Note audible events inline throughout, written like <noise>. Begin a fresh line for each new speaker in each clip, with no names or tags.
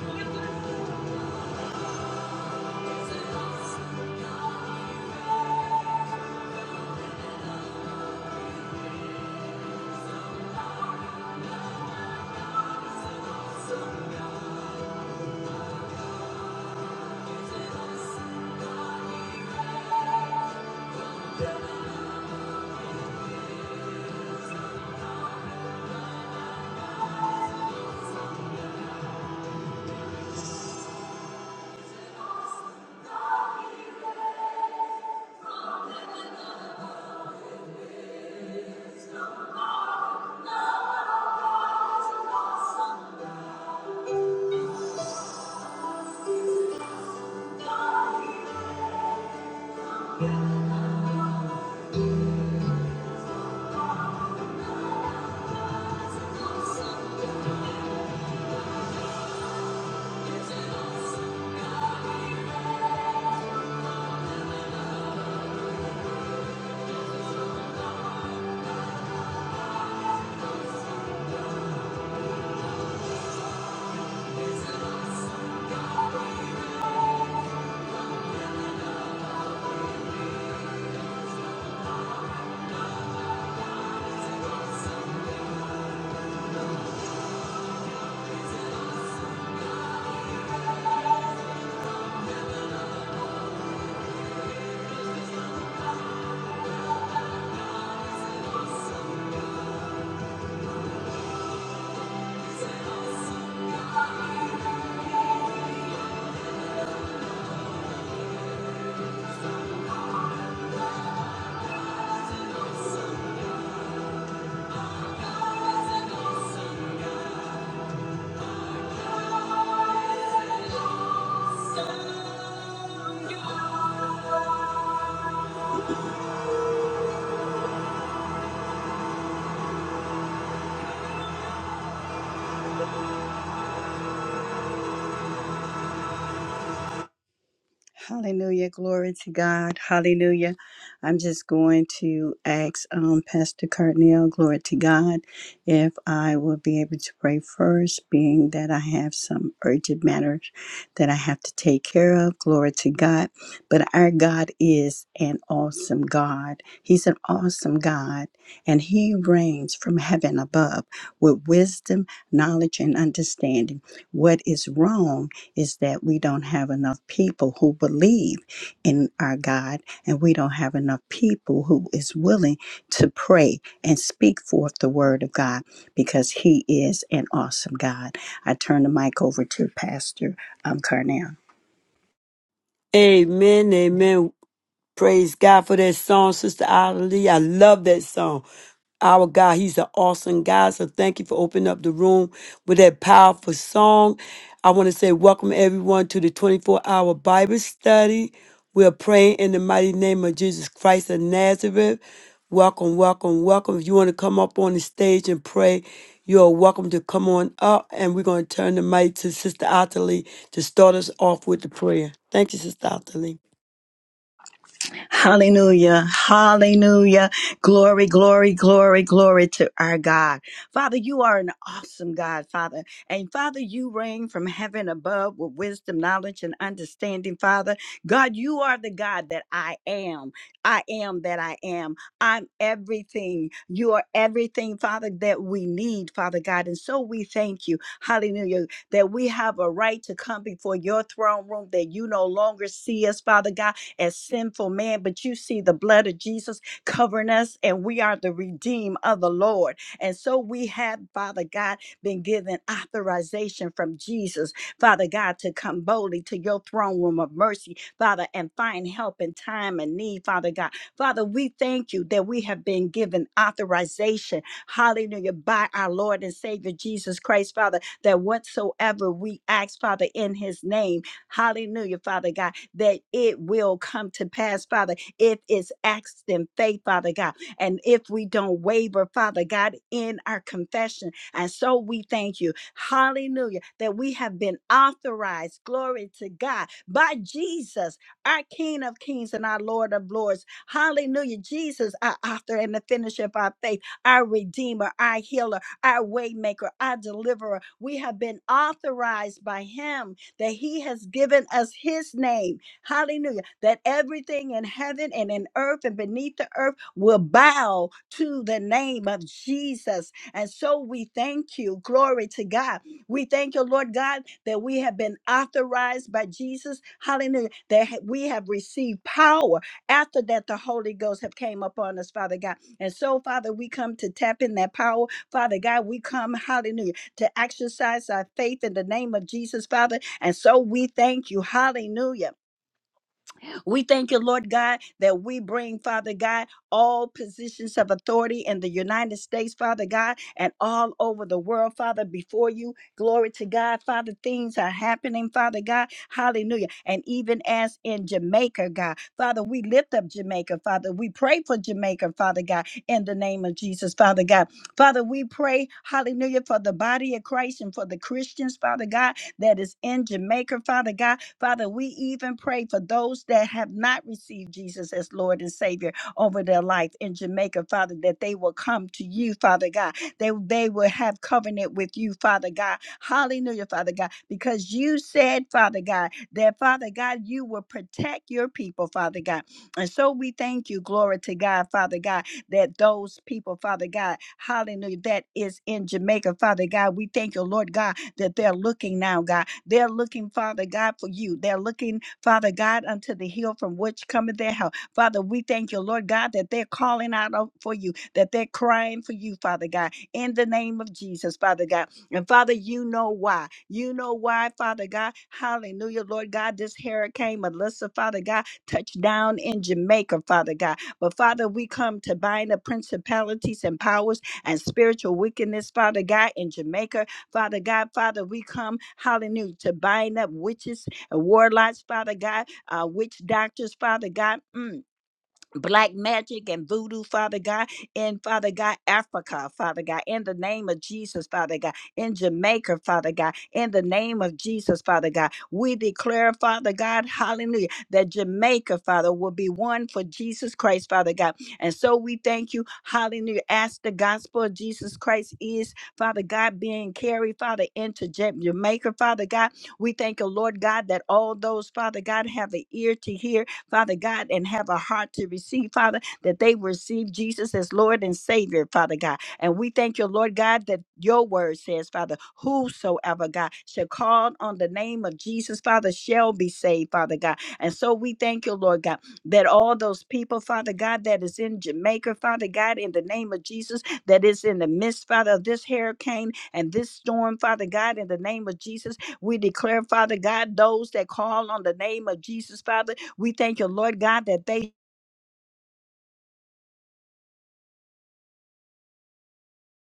Thank you. Hallelujah. Glory to God. Hallelujah. I'm just going to ask um, Pastor Cartnell, glory to God, if I will be able to pray first, being that I have some urgent matters that I have to take care of. Glory to God. But our God is an awesome God. He's an awesome God, and He reigns from heaven above with wisdom, knowledge, and understanding. What is wrong? is that we don't have enough people who believe in our God and we don't have enough people who is willing to pray and speak forth the word of God because he is an awesome God. I turn the mic over to Pastor um, Carnell.
Amen, amen. Praise God for that song, Sister Adelie. I love that song. Our God, He's an awesome God. So thank you for opening up the room with that powerful song. I want to say welcome everyone to the 24 hour Bible study. We are praying in the mighty name of Jesus Christ of Nazareth. Welcome, welcome, welcome. If you want to come up on the stage and pray, you are welcome to come on up. And we're going to turn the mic to Sister Ottilie to start us off with the prayer. Thank you, Sister Ottilie.
Hallelujah. Hallelujah. Glory, glory, glory, glory to our God. Father, you are an awesome God, Father. And Father, you reign from heaven above with wisdom, knowledge, and understanding, Father. God, you are the God that I am. I am that I am. I'm everything. You are everything, Father, that we need, Father God. And so we thank you. Hallelujah. That we have a right to come before your throne room, that you no longer see us, Father God as sinful man, but you see the blood of Jesus covering us, and we are the redeemed of the Lord. And so we have, Father God, been given authorization from Jesus, Father God, to come boldly to your throne room of mercy, Father, and find help in time and need, Father God. Father, we thank you that we have been given authorization, hallelujah, by our Lord and Savior Jesus Christ, Father, that whatsoever we ask, Father, in his name, hallelujah, Father God that it will come to pass, Father, if it's asked in faith, Father God, and if we don't waver, Father God, in our confession. And so we thank you, hallelujah, that we have been authorized, glory to God, by Jesus, our King of Kings and our Lord of Lords. Hallelujah, Jesus, our author and the finisher of our faith, our Redeemer, our healer, our waymaker, our deliverer. We have been authorized by Him that He has given us His name Hallelujah. That everything in heaven and in earth and beneath the earth will bow to the name of Jesus. And so we thank you. Glory to God. We thank you, Lord God, that we have been authorized by Jesus. Hallelujah. That ha- we have received power after that the Holy Ghost have came upon us, Father God. And so, Father, we come to tap in that power. Father God, we come, hallelujah, to exercise our faith in the name of Jesus, Father. And so we thank you. Hallelujah. We thank you, Lord God, that we bring, Father God, all positions of authority in the United States, Father God, and all over the world, Father, before you. Glory to God, Father. Things are happening, Father God. Hallelujah. And even as in Jamaica, God, Father, we lift up Jamaica, Father. We pray for Jamaica, Father God, in the name of Jesus, Father God. Father, we pray, hallelujah, for the body of Christ and for the Christians, Father God, that is in Jamaica, Father God. Father, we even pray for those that have not received Jesus as Lord and Savior over their life in Jamaica, Father, that they will come to you, Father God. They, they will have covenant with you, Father God. Hallelujah, Father God, because you said, Father God, that Father God, you will protect your people, Father God. And so we thank you, glory to God, Father God, that those people, Father God, hallelujah, that is in Jamaica, Father God, we thank you, Lord God, that they're looking now, God. They're looking, Father God, for you. They're looking, Father God, unto the hill from which cometh their help. Father, we thank you, Lord God, that they're calling out on- for you, that they're crying for you, Father God, in the name of Jesus, Father God. And Father, you know why. You know why, Father God. Hallelujah, Lord God. This hurricane, Melissa, Father God, touched down in Jamaica, Father God. But Father, we come to bind the principalities and powers and spiritual wickedness, Father God, in Jamaica. Father God, Father, we come, hallelujah, to bind up witches and warlocks, Father God, uh, witch doctors, Father God. Mm black magic and voodoo, Father God, in Father God, Africa, Father God, in the name of Jesus, Father God, in Jamaica, Father God, in the name of Jesus, Father God. We declare, Father God, hallelujah, that Jamaica, Father, will be one for Jesus Christ, Father God. And so we thank you, hallelujah, as the gospel of Jesus Christ is, Father God, being carried, Father, into Ja- Jamaica, Father God. We thank you, Lord God, that all those, Father God, have an ear to hear Father God, and have a heart to receive, Father, that they receive Jesus as Lord and Savior, Father God. And we thank you, Lord God, that your word says, Father, whosoever, God, shall call on the name of Jesus, Father, shall be saved, Father God. And so we thank you, Lord God, that all those people, Father God, that is in Jamaica, Father God, in the name of Jesus, that is in the midst, Father, of this hurricane and this storm, Father God, in the name of Jesus, we declare, Father God, those that call on the name of Jesus, Father, we thank you, Lord God, that they,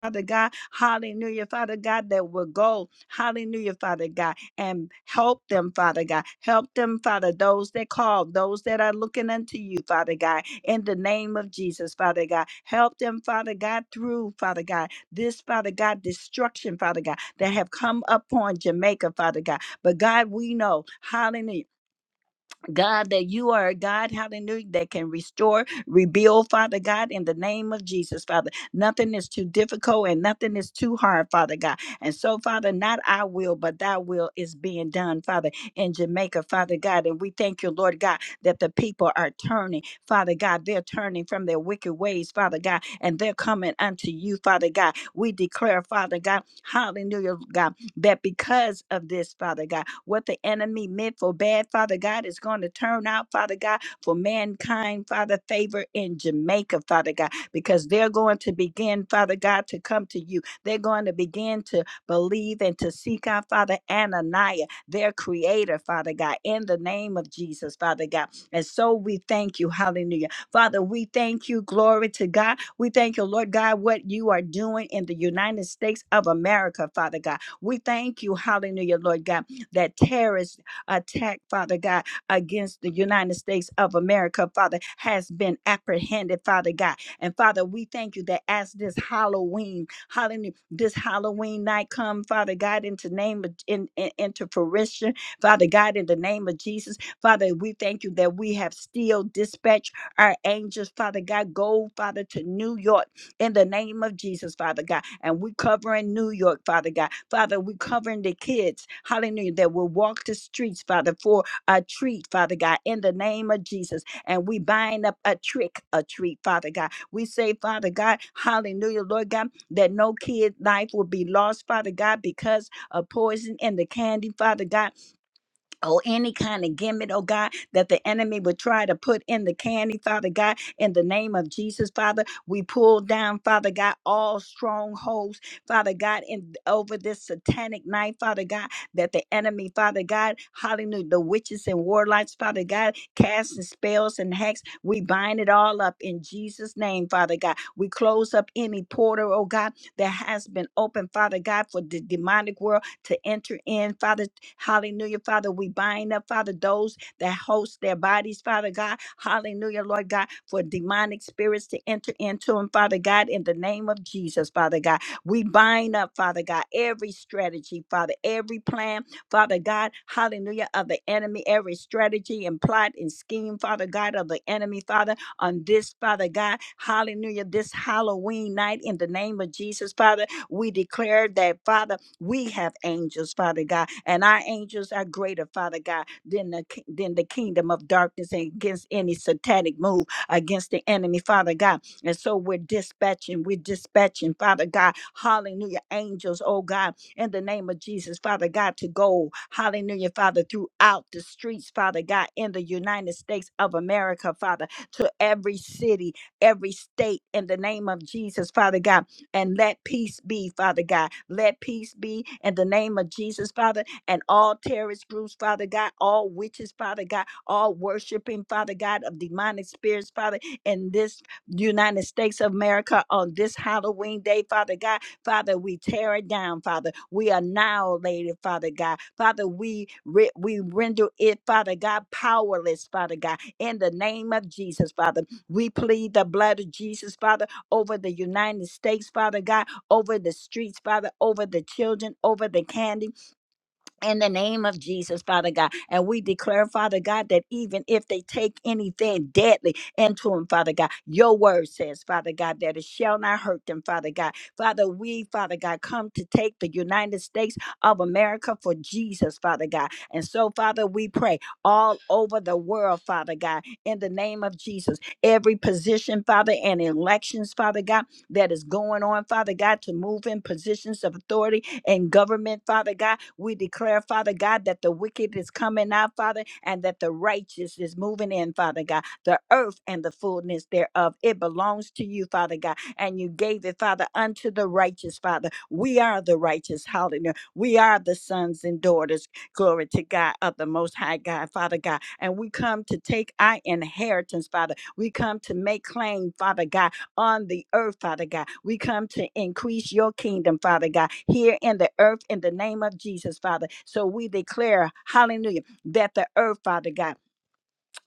Father God, hallelujah, Father God, that will go, hallelujah, Father God, and help them, Father God. Help them, Father, those that call, those that are looking unto you, Father God, in the name of Jesus, Father God. Help them, Father God, through, Father God, this, Father God, destruction, Father God, that have come upon Jamaica, Father God. But God, we know, hallelujah. God, that you are a God, hallelujah, that can restore, rebuild, Father God, in the name of Jesus, Father. Nothing is too difficult and nothing is too hard, Father God. And so, Father, not our will, but thy will is being done, Father, in Jamaica, Father God. And we thank you, Lord God, that the people are turning, Father God. They're turning from their wicked ways, Father God, and they're coming unto you, Father God. We declare, Father God, hallelujah, God that because of this, Father God, what the enemy meant for bad, Father God, is going to turn out, Father God, for mankind, Father, favor in Jamaica, Father God, because they're going to begin, Father God, to come to you. They're going to begin to believe and to seek out, Father, Ananiah, their creator, Father God, in the name of Jesus, Father God. And so we thank you. Hallelujah. Father, we thank you. Glory to God. We thank you, Lord God, what you are doing in the United States of America, Father God. We thank you, hallelujah, Lord God, that terrorist attack, Father God, against the United States of America, Father, has been apprehended, Father God. And Father, we thank you that as this Halloween, hallelujah, this Halloween night come, Father God, into name of, in, in, into fruition, Father God, in the name of Jesus, Father, we thank you that we have still dispatched our angels, Father God, go, Father, to New York in the name of Jesus, Father God. And we covering New York, Father God. Father, we covering the kids, hallelujah, that will walk the streets, Father, for a treat, Father God, in the name of Jesus. And we bind up a trick, a treat, Father God. We say, Father God, hallelujah, Lord God, that no kid life will be lost, Father God, because of poison in the candy, Father God. Oh, any kind of gimmick, oh God, that the enemy would try to put in the candy, Father God, in the name of Jesus, Father, we pull down, Father God, all strongholds, Father God, in over this satanic night, Father God, that the enemy, Father God, hallelujah, the witches and warlocks, Father God, casting spells and hex, we bind it all up in Jesus' name, Father God. We close up any portal, oh God, that has been open, Father God, for the demonic world to enter in, Father Hallelujah, Father. We bind up, Father, those that host their bodies, Father God. Hallelujah, Lord God, for demonic spirits to enter into them, Father God, in the name of Jesus, Father God. We bind up, Father God, every strategy, Father, every plan, Father God, hallelujah, of the enemy, every strategy and plot and scheme, Father God, of the enemy, Father, on this, Father God, hallelujah, this Halloween night, in the name of Jesus, Father, we declare that, Father, we have angels, Father God, and our angels are greater, Father God, than the ki- than the kingdom of darkness and against any satanic move against the enemy, Father God. And so we're dispatching, we're dispatching, Father God, hallelujah, angels, oh God, in the name of Jesus, Father God, to go, hallelujah, Father, throughout the streets, Father God, in the United States of America, Father, to every city, every state, in the name of Jesus, Father God and let peace be, Father God. Let peace be in the name of Jesus, Father, and all terrorist groups, Father God, all witches, Father God, all worshiping, Father God, of demonic spirits, Father, in this United States of America on this Halloween day, Father God. Father, we tear it down, Father. We annihilate it, Father God. Father, we, re- we render it, Father God, powerless, Father God, in the name of Jesus, Father. We plead the blood of Jesus, Father over the United States, Father God, over the streets, Father, over the children, over the candy in the name of Jesus, Father God. And we declare, Father God, that even if they take anything deadly into them, Father God, your word says, Father God, that it shall not hurt them, Father God. Father, we, Father God, come to take the United States of America for Jesus, Father God. And so, Father, we pray all over the world, Father God, in the name of Jesus. Every position, Father, and elections, Father God, that is going on, Father God, to move in positions of authority in government, Father God. We declare, Father God, that the wicked is coming out, Father, and that the righteous is moving in, Father God. The earth and the fullness thereof, it belongs to you, Father God. And you gave it, Father, unto the righteous, Father. We are the righteous, hallelujah. We are the sons and daughters, glory to God, of the Most High God, Father God. And we come to take our inheritance, Father. We come to make claim, Father God, on the earth, Father God. We come to increase your kingdom, Father God, here in the earth in the name of Jesus, Father. So we declare, hallelujah, that the earth, Father God,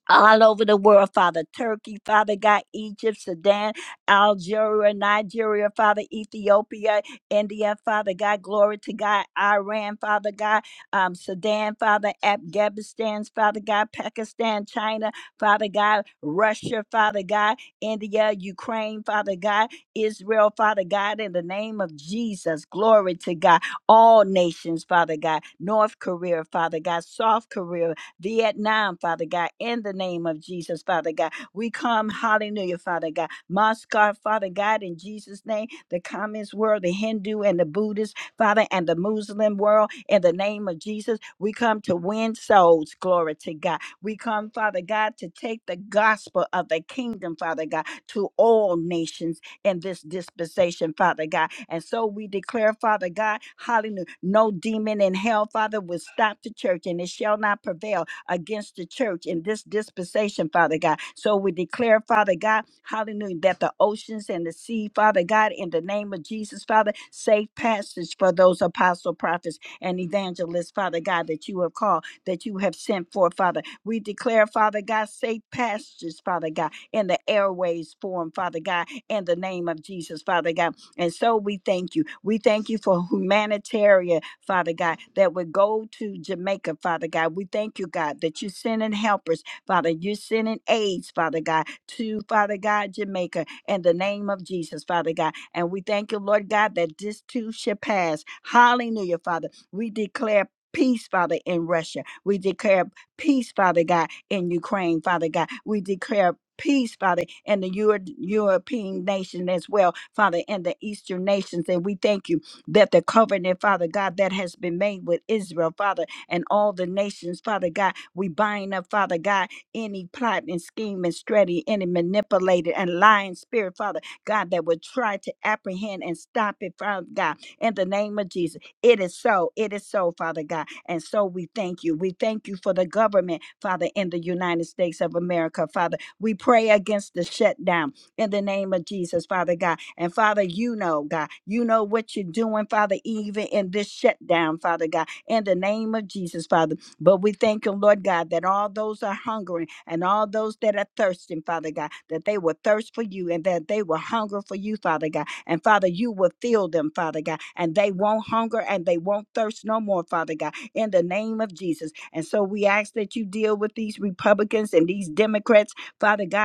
all over the world, Father. Turkey, Father God, Egypt, Sudan, Algeria, Nigeria, Father, Ethiopia, India, Father God, glory to God, Iran, Father God, um, Sudan, Father, Afghanistan, Father God, Pakistan, China, Father God, Russia, Father God, India, Ukraine, Father God, Israel, Father God, in the name of Jesus, glory to God, all nations, Father God, North Korea, Father God, South Korea, Vietnam, Father God, in the name of Jesus, Father God. We come, hallelujah, Father God. Moscow, Father God, in Jesus' name, the communist world, the Hindu and the Buddhist, Father, and the Muslim world, in the name of Jesus, we come to win souls, glory to God. We come, Father God, to take the gospel of the kingdom, Father God, to all nations in this dispensation, Father God. And so we declare, Father God, hallelujah, no demon in hell, Father, will stop the church and it shall not prevail against the church in this dispensation, Father God. So we declare, Father God, hallelujah, that the oceans and the sea, Father God, in the name of Jesus, Father, safe passage for those apostle, prophets, and evangelists, Father God, that you have called, that you have sent for, Father. We declare, Father God, safe passages, Father God, in the airways form, Father God, in the name of Jesus, Father God. And so we thank you. We thank you for humanitarian, Father God, that would go to Jamaica, Father God. We thank you, God, that you're sending helpers, Father. You're sending aids, Father God, to Father God, Jamaica, in the name of Jesus, Father God. And we thank you, Lord God, that this too shall pass. Hallelujah, Father. We declare. Peace, Father, in Russia. We declare peace, Father God, in Ukraine, Father God. We declare peace, Father, in the Euro- European nation as well, Father, in the Eastern nations. And we thank you that the covenant, Father God, that has been made with Israel, Father, and all the nations, Father God, we bind up, Father God, any plot and scheme and strategy, any manipulated and lying spirit, Father God, that would try to apprehend and stop it, Father God, in the name of Jesus. It is so. It is so, Father God. And so we thank you. We thank you for the government, Father, in the United States of America, Father. We pray against the shutdown in the name of Jesus, Father God. And Father, you know, God, you know what you're doing, Father, even in this shutdown, Father God, in the name of Jesus, Father. But we thank you, Lord God, that all those are hungering and all those that are thirsting, Father God, that they will thirst for you and that they will hunger for you, Father God and Father, you will fill them, Father God, and they won't hunger and they won't thirst no more, Father God, in the name of Jesus. And so we ask that you deal with these Republicans and these Democrats, Father God,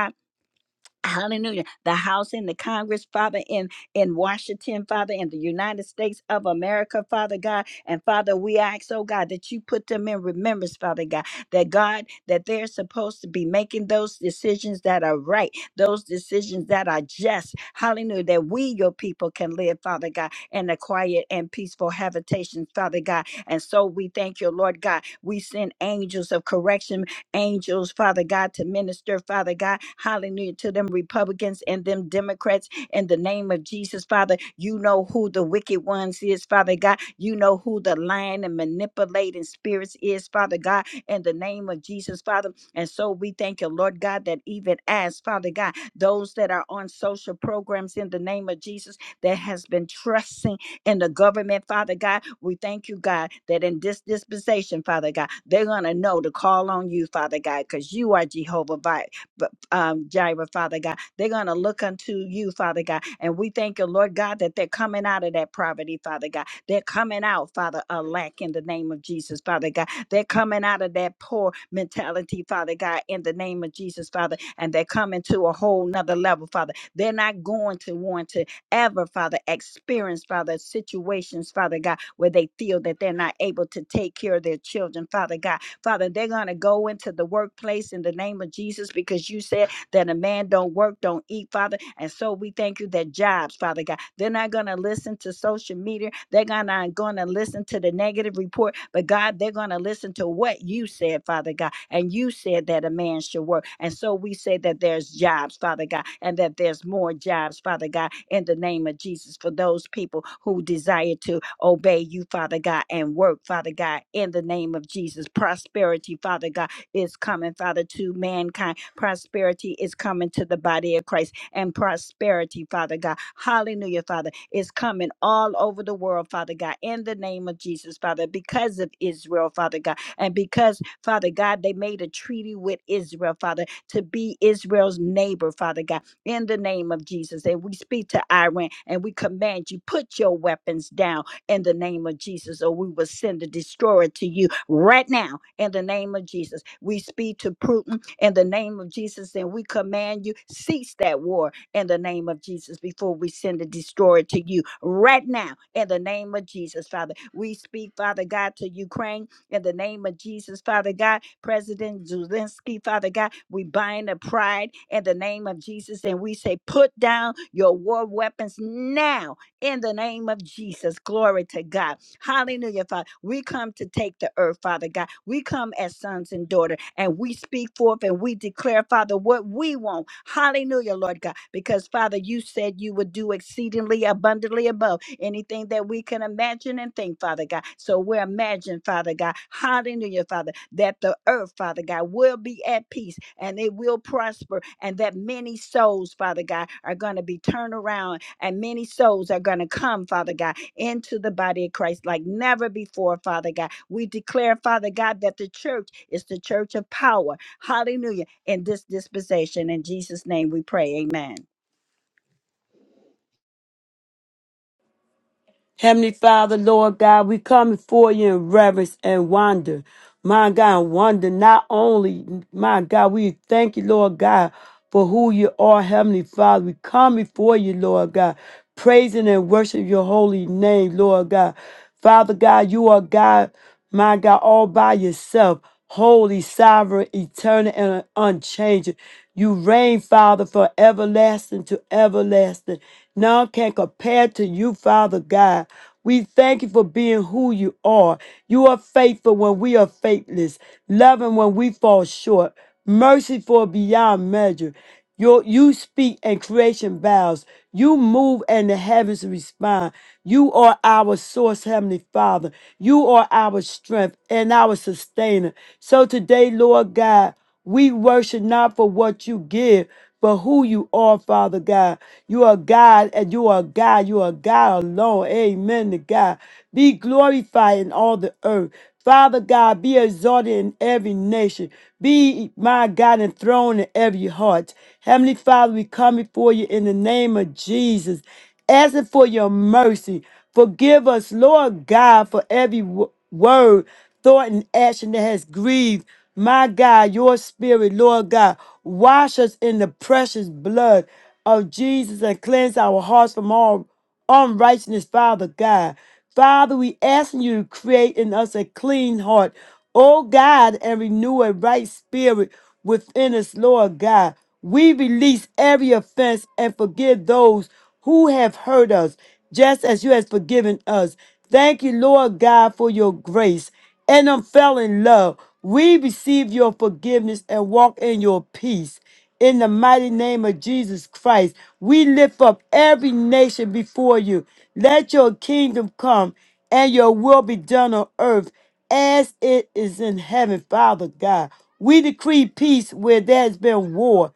Hallelujah. The House and the Congress, Father, in, in Washington, Father, in the United States of America, Father God. And Father, we ask, oh God, that you put them in remembrance, Father God, that God, that they're supposed to be making those decisions that are right, those decisions that are just. Hallelujah. That we, your people, can live, Father God, in a quiet and peaceful habitation, Father God. And so we thank you, Lord God. We send angels of correction angels, Father God, to minister, Father God, hallelujah, to them Republicans and them Democrats in the name of Jesus, Father. You know who the wicked ones is, Father God. You know who the lying and manipulating spirits is, Father God, in the name of Jesus, Father. And so we thank you, Lord God, that even as, Father God, those that are on social programs in the name of Jesus that has been trusting. In the government, Father God. We thank you, God, that in this dispensation, Father God, they're going to know to call on you, Father God, because you are Jehovah Vi- b- um, Jireh, Father God. They're going to look unto you, Father God. And we thank you, Lord God, that they're coming out of that poverty, Father God. They're coming out, Father, a lack in the name of Jesus, Father God. They're coming out of that poor mentality, Father God, in the name of Jesus, Father. And they're coming to a whole nother level, Father. They're not going to 1 to ever, Father, experience, Father, situations, Father God, where they feel that they're not able to take care of their children, Father God. Father, they're going to go into the workplace in the name of Jesus because you said that a man don't work, don't eat, Father. And so we thank you that jobs, Father God, they're not going to listen to social media. They're gonna- not going to listen to the negative report, but God, they're going to listen to what you said, Father God. And you said that a man should work. And so we say that there's jobs, Father God, and that there's more jobs, Father God, in the name of Jesus for those people who desire to obey you, Father God, and work, Father God, in the name of Jesus. Prosperity, Father God, is coming, Father, to mankind Prosperity is coming to the body of Christ. And prosperity, Father God, hallelujah, Father, is coming all over the world, Father God, in the name of Jesus, Father, because of Israel, Father God. And because, Father God, they made a treaty with Israel, Father, to be Israel's neighbor, Father God, in the name of Jesus. And we speak to Iran and we command you, put your weapons down in the name of Jesus, or we will send a destroyer to you right now in the name of Jesus. We speak to Putin in the name of Jesus. And we command you, cease that war in the name of Jesus before we send the destroyer to you right now in the name of Jesus, Father. We speak, Father God, to Ukraine in the name of Jesus, Father God. President Zelensky, Father God, we bind the pride in the name of Jesus and we say, put down your war weapons now in the name of Jesus. Glory to God. Hallelujah, Father. We come to take the earth, Father God. We come as sons and daughters and we speak forth and we declare, Father, what we want. Hallelujah, Lord God. Because, Father, you said you would do exceedingly abundantly above world, anything that we can imagine and think, Father God. So we imagine, Father God, hallelujah, Father, that the earth, Father God, will be at peace and it will prosper, and that many souls, Father God, are going to be turned around, and many souls are going to come, Father God, into the body of Christ like never before, Father God. We declare, Father God, that the church is the church of power. Hallelujah. In this dispensation, in Jesus' name we pray. Amen.
Heavenly Father, Lord God, we come before you in reverence and wonder. My God, wonder not only, my God, we thank you, Lord God, for who you are, Heavenly Father. We come before you, Lord God, praising and worship your holy name, Lord God. Father God, you are God, my God, all by yourself, holy, sovereign, eternal, and unchanging. You reign, Father, from everlasting to everlasting. None can compare to you, Father God. We thank you for being who you are. You are faithful when we are faithless, loving when we fall short, merciful beyond measure. Your, you speak and creation bows. You move and the heavens respond. You are our source, Heavenly Father. You are our strength and our sustainer. So today, Lord God, we worship not for what you give, but who you are, Father God. You are God and you are God. You are God alone. Amen to God. Be glorified in all the earth. Father God, be exalted in every nation. Be, my God, enthroned in every heart. Heavenly Father, we come before you in the name of Jesus, asking for your mercy. Forgive us, Lord God, for every wo- word, thought, and action that has grieved, my God, your spirit, Lord God. Wash us in the precious blood of Jesus and cleanse our hearts from all unrighteousness, Father God. Father, we asking you to create in us a clean heart, O God, and renew a right spirit within us, Lord God. We release every offense and forgive those who have hurt us, just as you have forgiven us. Thank you, Lord God, for your grace and unfailing love. We receive your forgiveness and walk in your peace in the mighty name of Jesus Christ. We lift up every nation before you. Let your kingdom come and your will be done on earth as it is in heaven, Father God. We decree peace where there's been war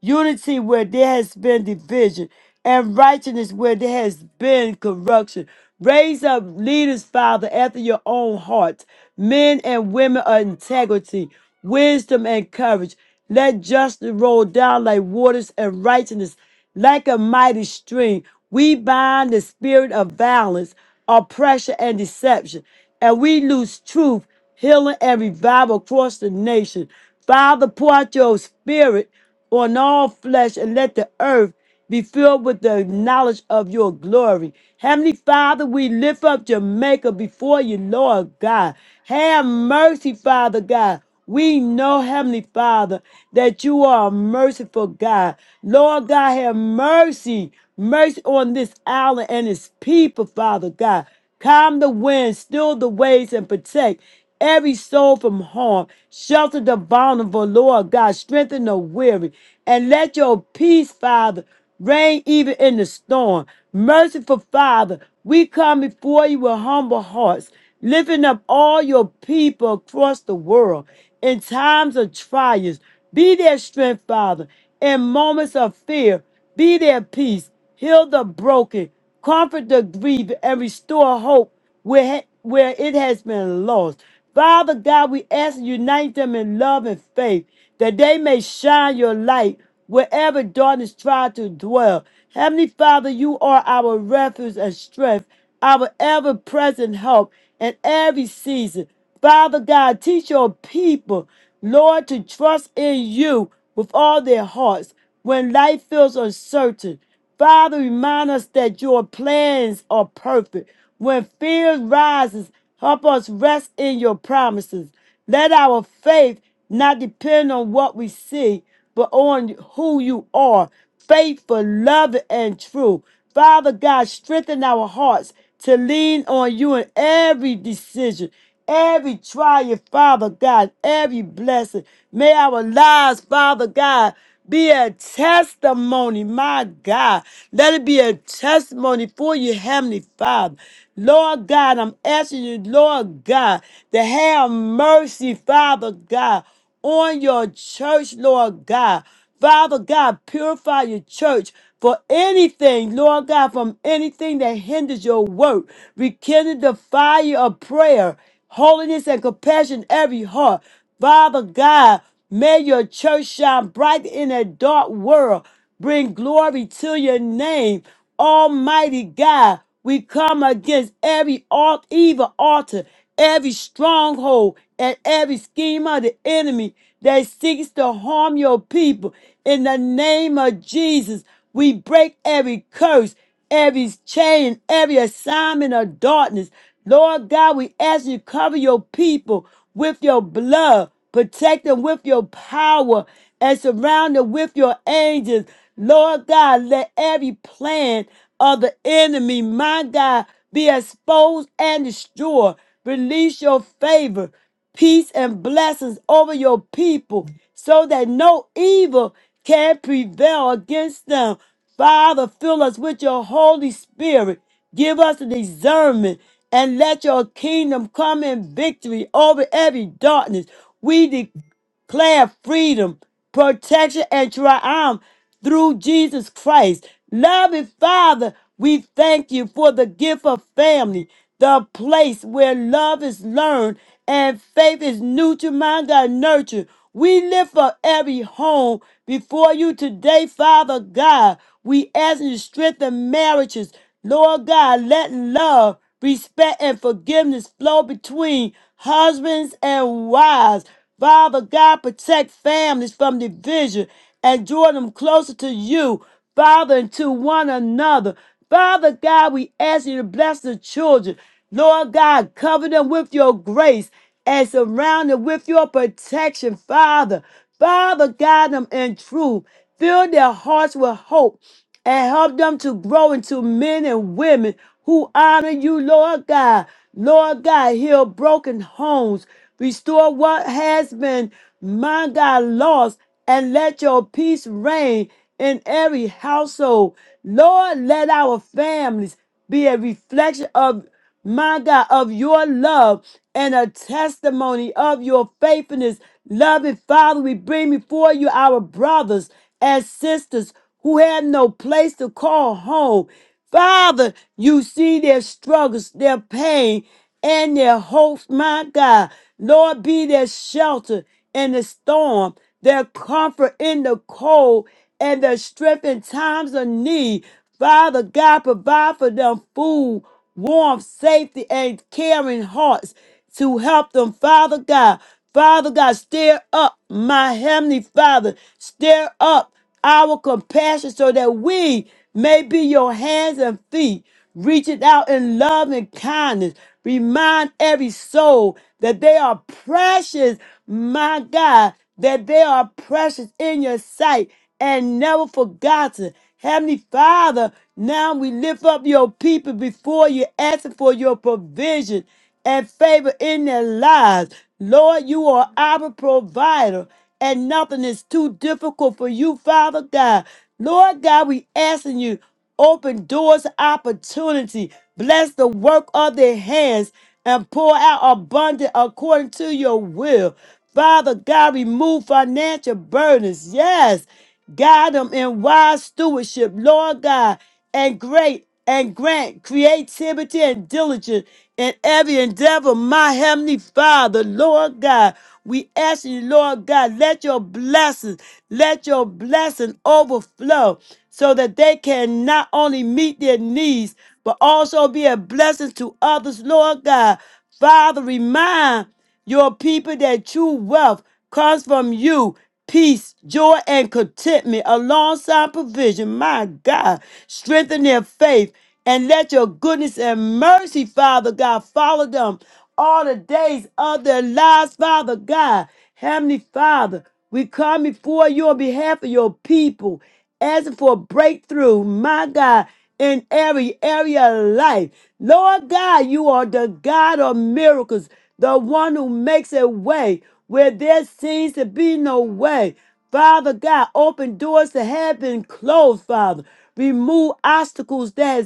unity where there has been division, and righteousness where there has been corruption. Raise up leaders, Father, after your own heart, men and women of integrity, wisdom, and courage. Let justice roll down like waters and righteousness like a mighty stream. We bind the spirit of violence, oppression, and deception, and we lose truth, healing, and revival across the nation. Father, pour out your spirit on all flesh and let the earth be filled with the knowledge of your glory. Heavenly Father, we lift up Jamaica before you, Lord God. Have mercy, Father God. We know, Heavenly Father, that you are a merciful God. Lord God, have mercy. Mercy on this island and its people, Father God. Calm the wind, still the waves, and protect every soul from harm. Shelter the vulnerable, Lord God. Strengthen the weary and let your peace, Father, reign even in the storm. Merciful Father, we come before you with humble hearts, lifting up all your people across the world in times of trials. Be their strength, Father, in moments of fear. Be their peace. Heal the broken, comfort the grieving, and restore hope where, where it has been lost. Father God, we ask you unite them in love and faith that they may shine your light wherever darkness tries to dwell. Heavenly Father, you are our refuge and strength, our ever present help in every season. Father God, teach your people, Lord, to trust in you with all their hearts when life feels uncertain. Father, remind us that your plans are perfect. When fear rises, help us rest in your promises. Let our faith not depend on what we see, but on who you are, faithful, loving, and true. Father God, strengthen our hearts to lean on you in every decision, every trial, Father God, every blessing. May our lives, Father God, be a testimony, my God. Let it be a testimony for you, Heavenly Father. Lord God, I'm asking you, Lord God, to have mercy, Father God on your church, Lord God. Father God, purify your church for anything, Lord God, from anything that hinders your work. Rekindle the fire of prayer, holiness, and compassion in every heart. Father God, may your church shine bright in a dark world. Bring glory to your name, Almighty God. We come against every alt, evil altar, every stronghold, and every scheme of the enemy that seeks to harm your people. In the name of Jesus, we break every curse, every chain, every assignment of darkness. Lord God, we ask you to cover your people with your blood. Protect them with your power and surround them with your angels. Lord God, let every plan of the enemy, my God, be exposed and destroyed. Release your favor, peace, and blessings over your people so that no evil can prevail against them. Father, fill us with your Holy Spirit Give us discernment and let your kingdom come in victory over every darkness. We declare freedom, protection, and triumph through Jesus Christ. Loving Father, we thank you for the gift of family, the place where love is learned and faith is nurtured, my God, nurtured. We lift up every home before you today, Father God. We ask you to strengthen marriages. Lord God, let love, respect, and forgiveness flow between husbands and wives. Father God, protect families from division and draw them closer to you, Father, and to one another. Father God, we ask you to bless the children. Lord God, cover them with your grace and surround them with your protection, Father. Father, guide them in truth. Fill their hearts with hope and help them to grow into men and women who honor you, Lord God. Lord God, heal broken homes, restore what has been, my God, lost, and let your peace reign in every household. Lord, let our families be a reflection of my God, of your love and a testimony of your faithfulness. Loving Father, we bring before you our brothers and sisters who have no place to call home. Father, you see their struggles, their pain, and their hopes, my God. Lord, be their shelter in the storm, their comfort in the cold, and their strength in times of need. Father God, provide for them food warmth, safety, and caring hearts to help them, Father God. Father God, stir up my heavenly Father, stir up our compassion so that we may be your hands and feet, reaching out in love and kindness. Remind every soul that they are precious, my God, that they are precious in your sight and never forgotten. Heavenly Father, now we lift up your people before you, asking for your provision and favor in their lives. Lord, you are our provider, and nothing is too difficult for you, Father God. Lord God, we asking you, open doors of opportunity, bless the work of their hands, and pour out abundant according to your will. Father God, remove financial burdens. Yes. Guide them in wise stewardship, Lord God, and great and grant creativity and diligence in every endeavor, my heavenly Father, Lord God. We ask you, Lord God, let your blessings, let your blessing overflow so that they can not only meet their needs, but also be a blessing to others, Lord God. Father, remind your people that true wealth comes from you. Peace, joy, and contentment alongside provision. My God, strengthen their faith and let your goodness and mercy, Father God, follow them all the days of their lives, Father God. Heavenly Father, we come before you on behalf of your people, asking for a breakthrough, my God, in every area of life. Lord God, you are the God of miracles, the one who makes a way where there seems to be no way. Father God, open doors that have been closed, Father. Remove obstacles that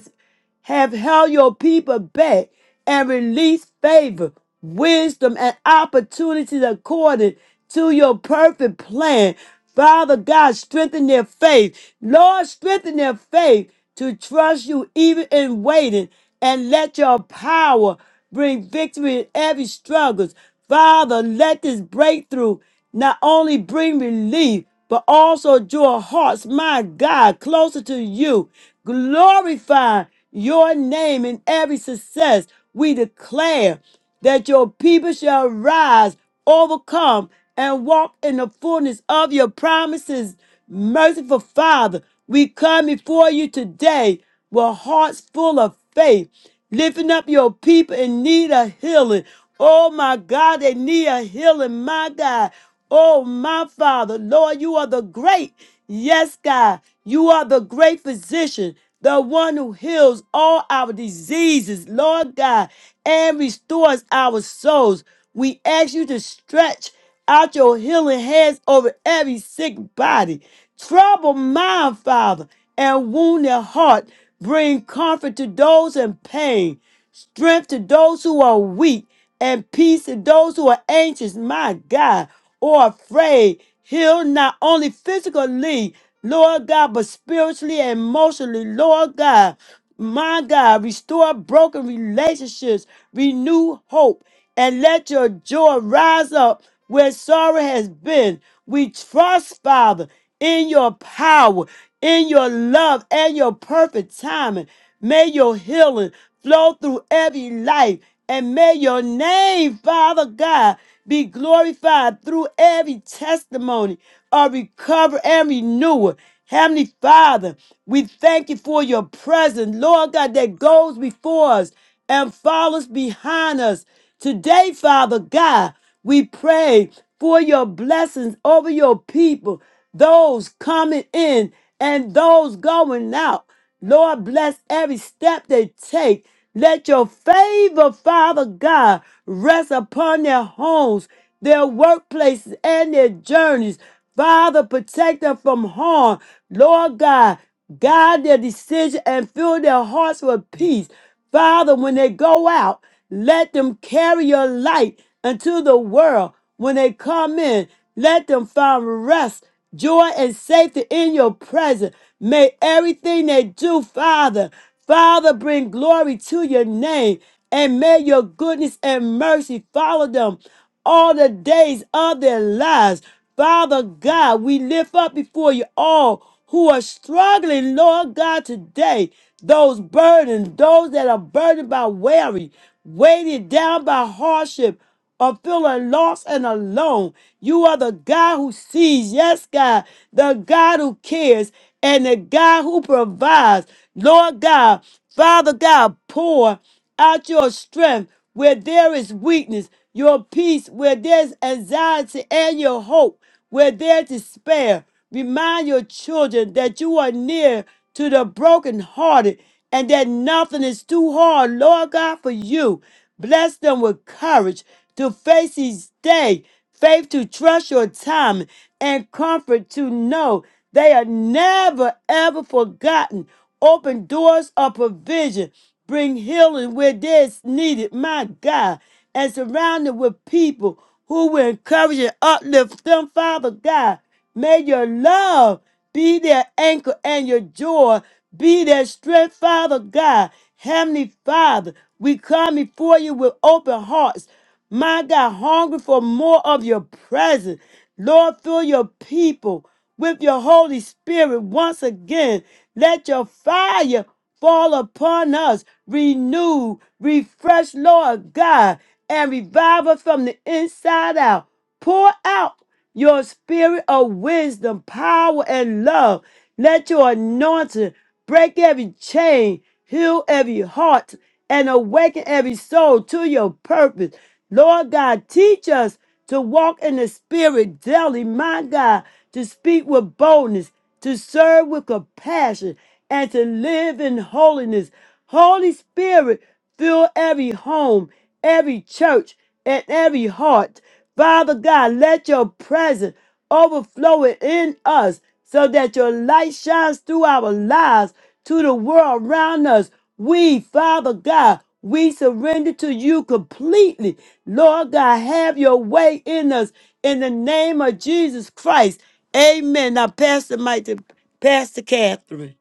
have held your people back and released favor, wisdom, and opportunities according to your perfect plan. Father God, strengthen their faith. Lord, strengthen their faith to trust you even in waiting and let your power bring victory in every struggle. Father, let this breakthrough not only bring relief, but also draw hearts, my God, closer to you. Glorify your name in every success. We declare that your people shall rise, overcome, and walk in the fullness of your promises. Merciful Father, we come before you today with hearts full of faith, lifting up your people in need of healing. Oh my God, they need a healing, my God. Oh, my Father, Lord, you are the great. Yes, God, you are the great physician, the one who heals all our diseases, Lord God, and restores our souls. We ask you to stretch out your healing hands over every sick body. Trouble mind, Father, and wound their heart. Bring comfort to those in pain, strength to those who are weak and peace to those who are anxious, my God, or afraid. Heal not only physically, Lord God, but spiritually and emotionally, Lord God. My God, restore broken relationships, renew hope, and let your joy rise up where sorrow has been. We trust, Father, in your power, in your love, and your perfect timing. May your healing flow through every life and may your name, Father God, be glorified through every testimony of recovery and renewal. Heavenly Father, we thank you for your presence, Lord God, that goes before us and follows behind us. Today, Father God, we pray for your blessings over your people, those coming in and those going out. Lord, bless every step they take. Let your favor, Father God, rest upon their homes, their workplaces, and their journeys. Father, protect them from harm. Lord God, guide their decision and fill their hearts with peace. Father, when they go out, let them carry your light into the world. When they come in, let them find rest, joy, and safety in your presence. May everything they do, Father, Father, bring glory to your name. And may your goodness and mercy follow them all the days of their lives. Father God, we lift up before you all who are struggling, Lord God, today. Those burdened, those that are burdened by worry, weighted down by hardship, or feeling lost and alone. You are the God who sees, yes, God, the God who cares, and the God who provides. Lord God, Father God, pour out your strength where there is weakness, your peace where there's anxiety, and your hope where there's despair. Remind your children that you are near to the brokenhearted and that nothing is too hard, Lord God, for you. Bless them with courage to face each day, faith to trust your time, and comfort to know they are never ever forgotten. Open doors of provision bring healing where there's needed, my God, and surround them with people who will encourage and uplift them, Father God. May your love be their anchor and your joy be their strength, Father God. Heavenly Father, we come before you with open hearts. My God, hungry for more of your presence. Lord, fill your people with your Holy Spirit once again. Let your fire fall upon us, renew, refresh, Lord God, and revive us from the inside out. Pour out your spirit of wisdom, power, and love. Let your anointing break every chain, heal every heart, and awaken every soul to your purpose. Lord God, teach us to walk in the spirit daily, my God, to speak with boldness, to serve with compassion, and to live in holiness. Holy Spirit, fill every home, every church and every heart. Father God, let your presence overflow in us so that your light shines through our lives to the world around us. We, Father God, we surrender to you completely. Lord God, have your way in us in the name of Jesus Christ. Amen. Now, Pastor Mike, to Pastor Catherine.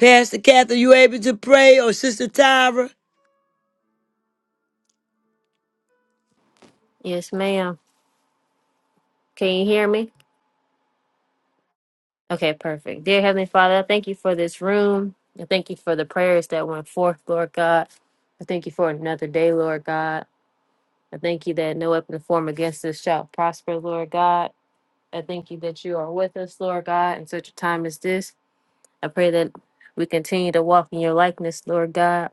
Pastor Catherine, you able to pray or Sister Tyra?
Yes, ma'am. Can you hear me? Okay, perfect. Dear Heavenly Father, I thank you for this room. I thank you for the prayers that went forth, Lord God. I thank you for another day, Lord God. I thank you that no weapon formed against us shall prosper, Lord God. I thank you that you are with us, Lord God, in such a time as this. I pray that we continue to walk in your likeness, Lord God.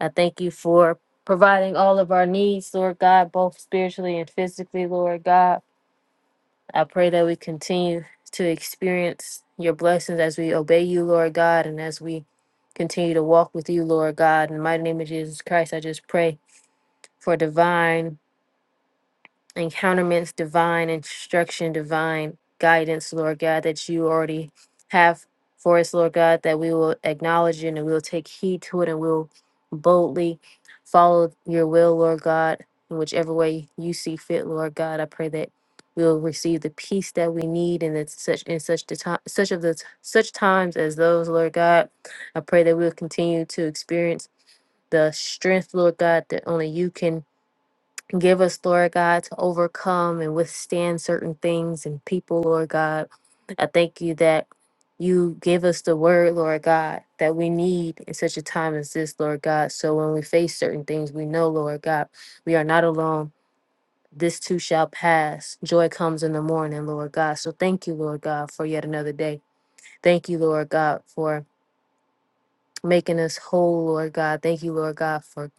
I thank you for providing all of our needs, Lord God, both spiritually and physically, Lord God. I pray that we continue to experience your blessings as we obey you, Lord God, and as we continue to walk with you, Lord God. In the mighty name of Jesus Christ, I just pray for divine encounterments, divine instruction, divine guidance, Lord God, that you already have for us, Lord God, that we will acknowledge it and we'll take heed to it and we'll boldly follow your will, Lord God, in whichever way you see fit, Lord God. I pray that we'll receive the peace that we need in the, such in such the time such of the t- such times as those, Lord God. I pray that we'll continue to experience the strength, Lord God, that only you can Give us, Lord God, to overcome and withstand certain things and people, Lord God. I thank you that you give us the word, Lord God, that we need in such a time as this, Lord God. So when we face certain things, we know, Lord God, we are not alone. This too shall pass. Joy comes in the morning, Lord God. So thank you, Lord God, for yet another day. Thank you, Lord God, for making us whole, Lord God. Thank you, Lord God, for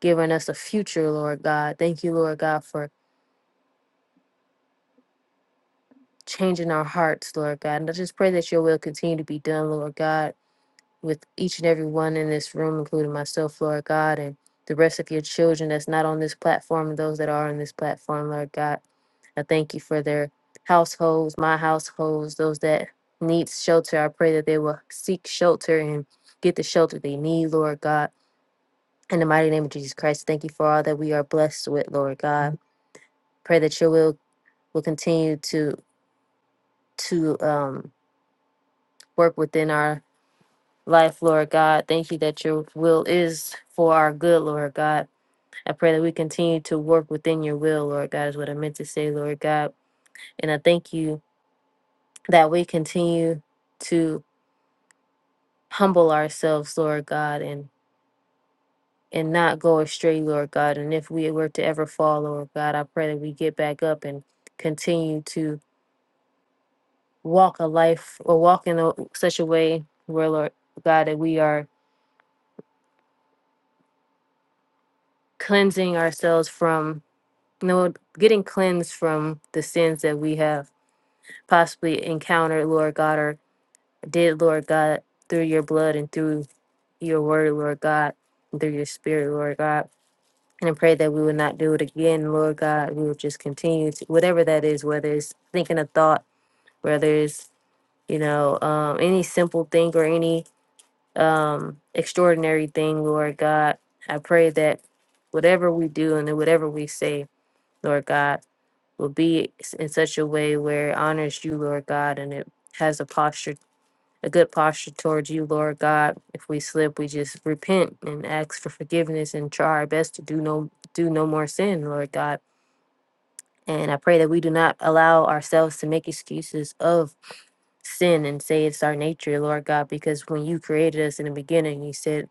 giving us a future, Lord God. Thank you, Lord God, for changing our hearts, Lord God. And I just pray that your will continue to be done, Lord God, with each and every one in this room, including myself, Lord God, and the rest of your children that's not on this platform and those that are on this platform, Lord God. I thank you for their households, my households, those that need shelter. I pray that they will seek shelter and get the shelter they need, Lord God. In the mighty name of Jesus Christ, thank you for all that we are blessed with, Lord God. Pray that your will will continue to to um, work within our life, Lord God. Thank you that your will is for our good, Lord God. I pray that we continue to work within your will, Lord God, is what I meant to say, Lord God. And I thank you that we continue to humble ourselves, Lord God, and and not go astray, Lord God. And if we were to ever fall, Lord God, I pray that we get back up and continue to walk a life or walk in a, such a way where, Lord God, that we are cleansing ourselves from You know, getting cleansed from the sins that we have possibly encountered, Lord God, or did, Lord God, through your blood and through your word, Lord God, and through your spirit, Lord God. And I pray that we would not do it again, Lord God. We would just continue to, whatever that is, whether it's thinking a thought, whether it's, you know, um, any simple thing or any um, extraordinary thing, Lord God. I pray that whatever we do and whatever we say, Lord God. will be s- in such a way where it honors you, Lord God, and it has a posture, a good posture towards you, Lord God. If we slip, we just repent and ask for forgiveness and try our best to do no do no more sin, Lord God. And I pray that we do not allow ourselves to make excuses of sin and say it's our nature, Lord God, because when you created us in the beginning, you said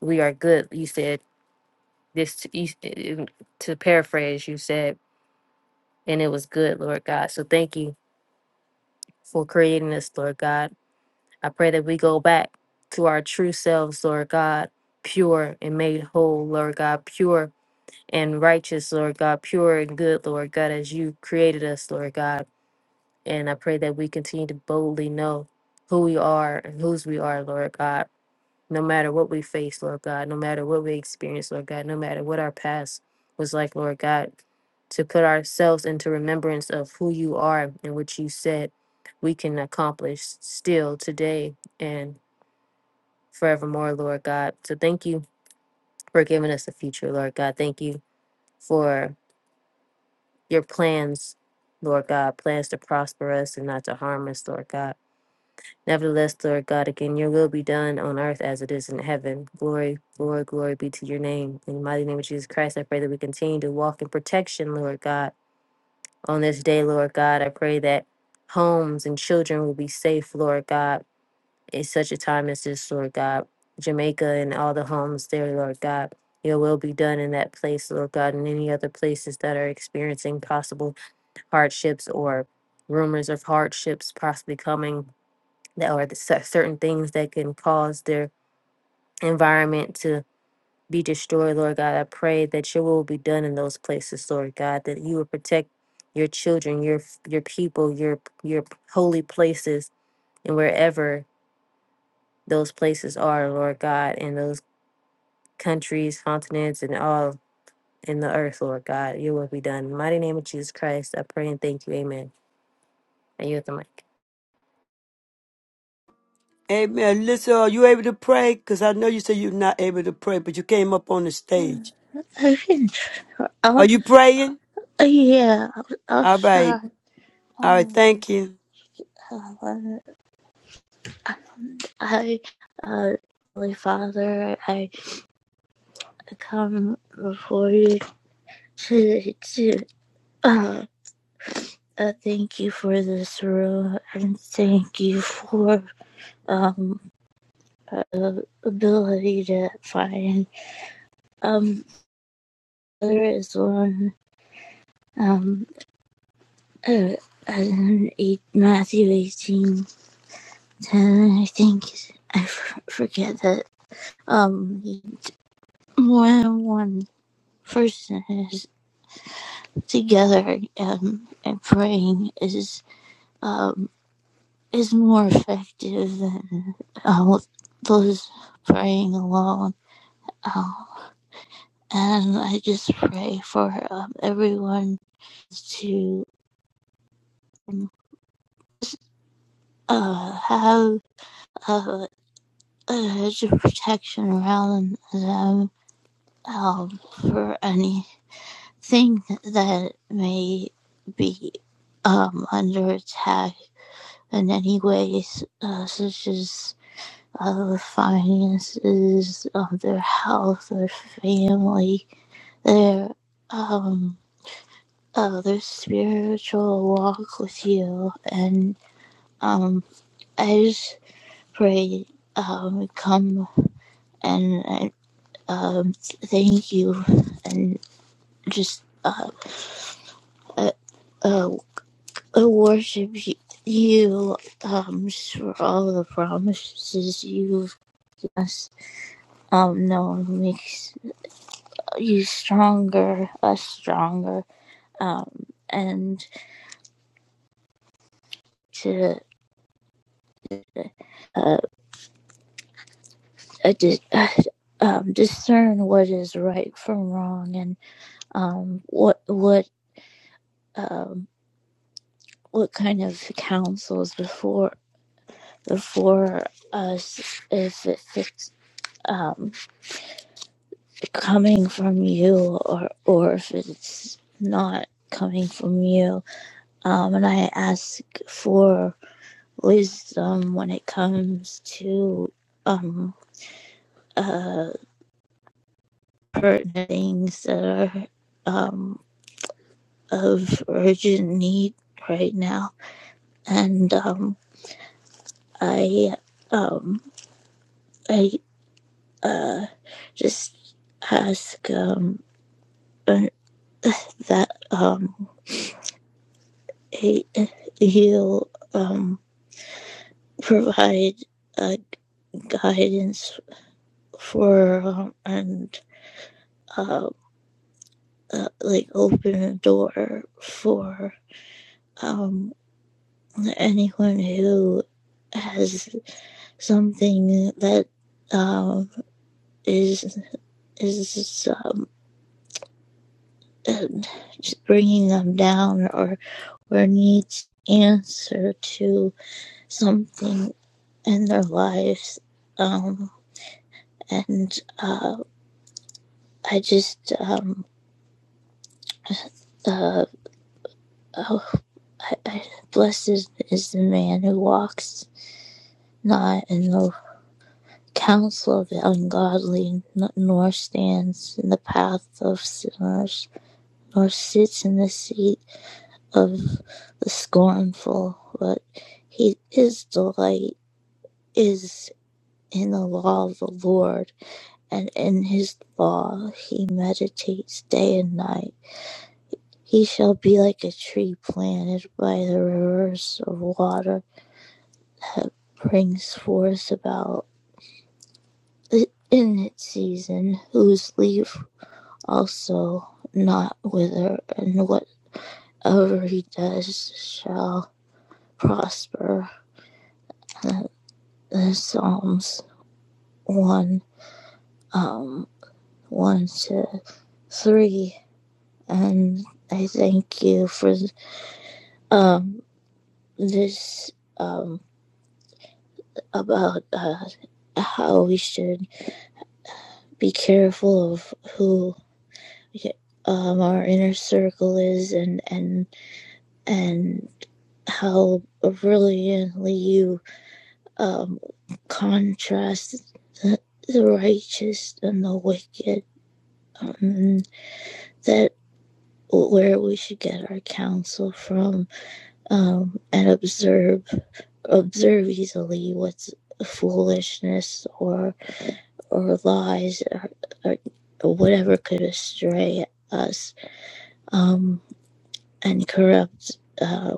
we are good. You said this to, you, uh, to paraphrase, you said, and it was good, Lord God. So thank you for creating us, Lord God. I pray that we go back to our true selves, Lord God, pure and made whole, Lord God, pure and righteous, Lord God, pure and good, Lord God, as you created us, Lord God. And I pray that we continue to boldly know who we are and whose we are, Lord God no matter what we face, Lord God, no matter what we experience, Lord God, no matter what our past was like, Lord God, to put ourselves into remembrance of who you are and what you said we can accomplish still today and forevermore, Lord God. So thank you for giving us a future, Lord God. Thank you for your plans, Lord God, plans to prosper us and not to harm us, Lord God. Nevertheless, Lord God, again, your will be done on earth as it is in heaven. Glory, glory, glory be to your name. In the mighty name of Jesus Christ, I pray that we continue to walk in protection, Lord God. On this day, Lord God, I pray that homes and children will be safe, Lord God, in such a time as this, Lord God. Jamaica and all the homes there, Lord God. Your will be done in that place, Lord God, and any other places that are experiencing possible hardships or rumors of hardships possibly coming that are the cer- certain things that can cause their environment to be destroyed, Lord God. I pray that your will be done in those places, Lord God, that you will protect your children, your f- your people, your your holy places, and wherever those places are, Lord God, in those countries, continents, and all in the earth, Lord God, your will be done. In the mighty name of Jesus Christ, I pray and thank you. Amen. I yield the mic.
Amen. Listen, are you able to pray? Because I know you said you're not able to pray, but you came up on the
<laughs> Mm,
stage.
I can try.
Are
I'll,
you praying?
yeah, I'll, I'll
All right.
try.
All right.
Um,
Thank you.
Helen, I, uh, Holy Father, I come before you to, to uh, uh, thank you for this room and thank you for um uh, the ability to find um there is one um uh, in eight, Matthew 18. And I think I f- forget that um when one person is together um, and praying is um is more effective than uh, those praying alone. Um, and I just pray for um, everyone to uh, have uh, a hedge of protection around them um, for any thing that may be um, under attack in any ways, uh, such as uh, the finances, um, their health, their family, their um, uh, their spiritual walk with you, and um, I just pray um, come and uh, um, thank you, and just uh, uh, uh, I worship you um, for all the promises you've given us. Um, no, it makes you stronger, us stronger, um, and to uh, uh, di- uh, um, discern what is right from wrong and um, what what um, what kind of counsel is before before us if it fits. Um, coming from you or or if it's not coming from you um and i ask for wisdom when it comes to um uh pertinent things that are um of urgent need right now and um i um i uh just ask um uh, that um you um provide uh, guidance for um, and uh, uh, like open a door for um, anyone who has something that um, is is um, just bringing them down or or needs answer to something in their lives um, and uh, I just um, uh, Oh, I, I, blessed is, the man who walks not in the counsel of the ungodly, nor stands in the path of sinners, nor sits in the seat of the scornful. But he, his delight is in the law of the Lord, and in his law he meditates day and night. He shall be like a tree planted by the rivers of water that brings forth about in its season, whose leaf also not wither, and whatever he does shall prosper. Uh, The Psalms one, um, one to three, and I thank you for um this um about uh how we should be careful of who Yeah, um, our inner circle is and and and how brilliantly you um, contrast the, the righteous and the wicked um, that where we should get our counsel from um, and observe observe easily what's foolishness or or lies or, or whatever could astray us um, and corrupt uh,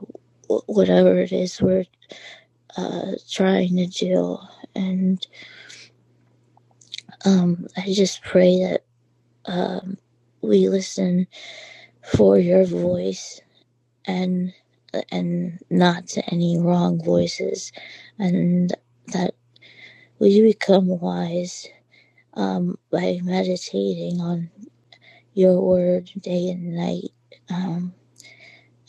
whatever it is we're uh, trying to do. And um, I just pray that um, we listen for your voice and and not to any wrong voices, and that we become wise um, by meditating on your word day and night. Um,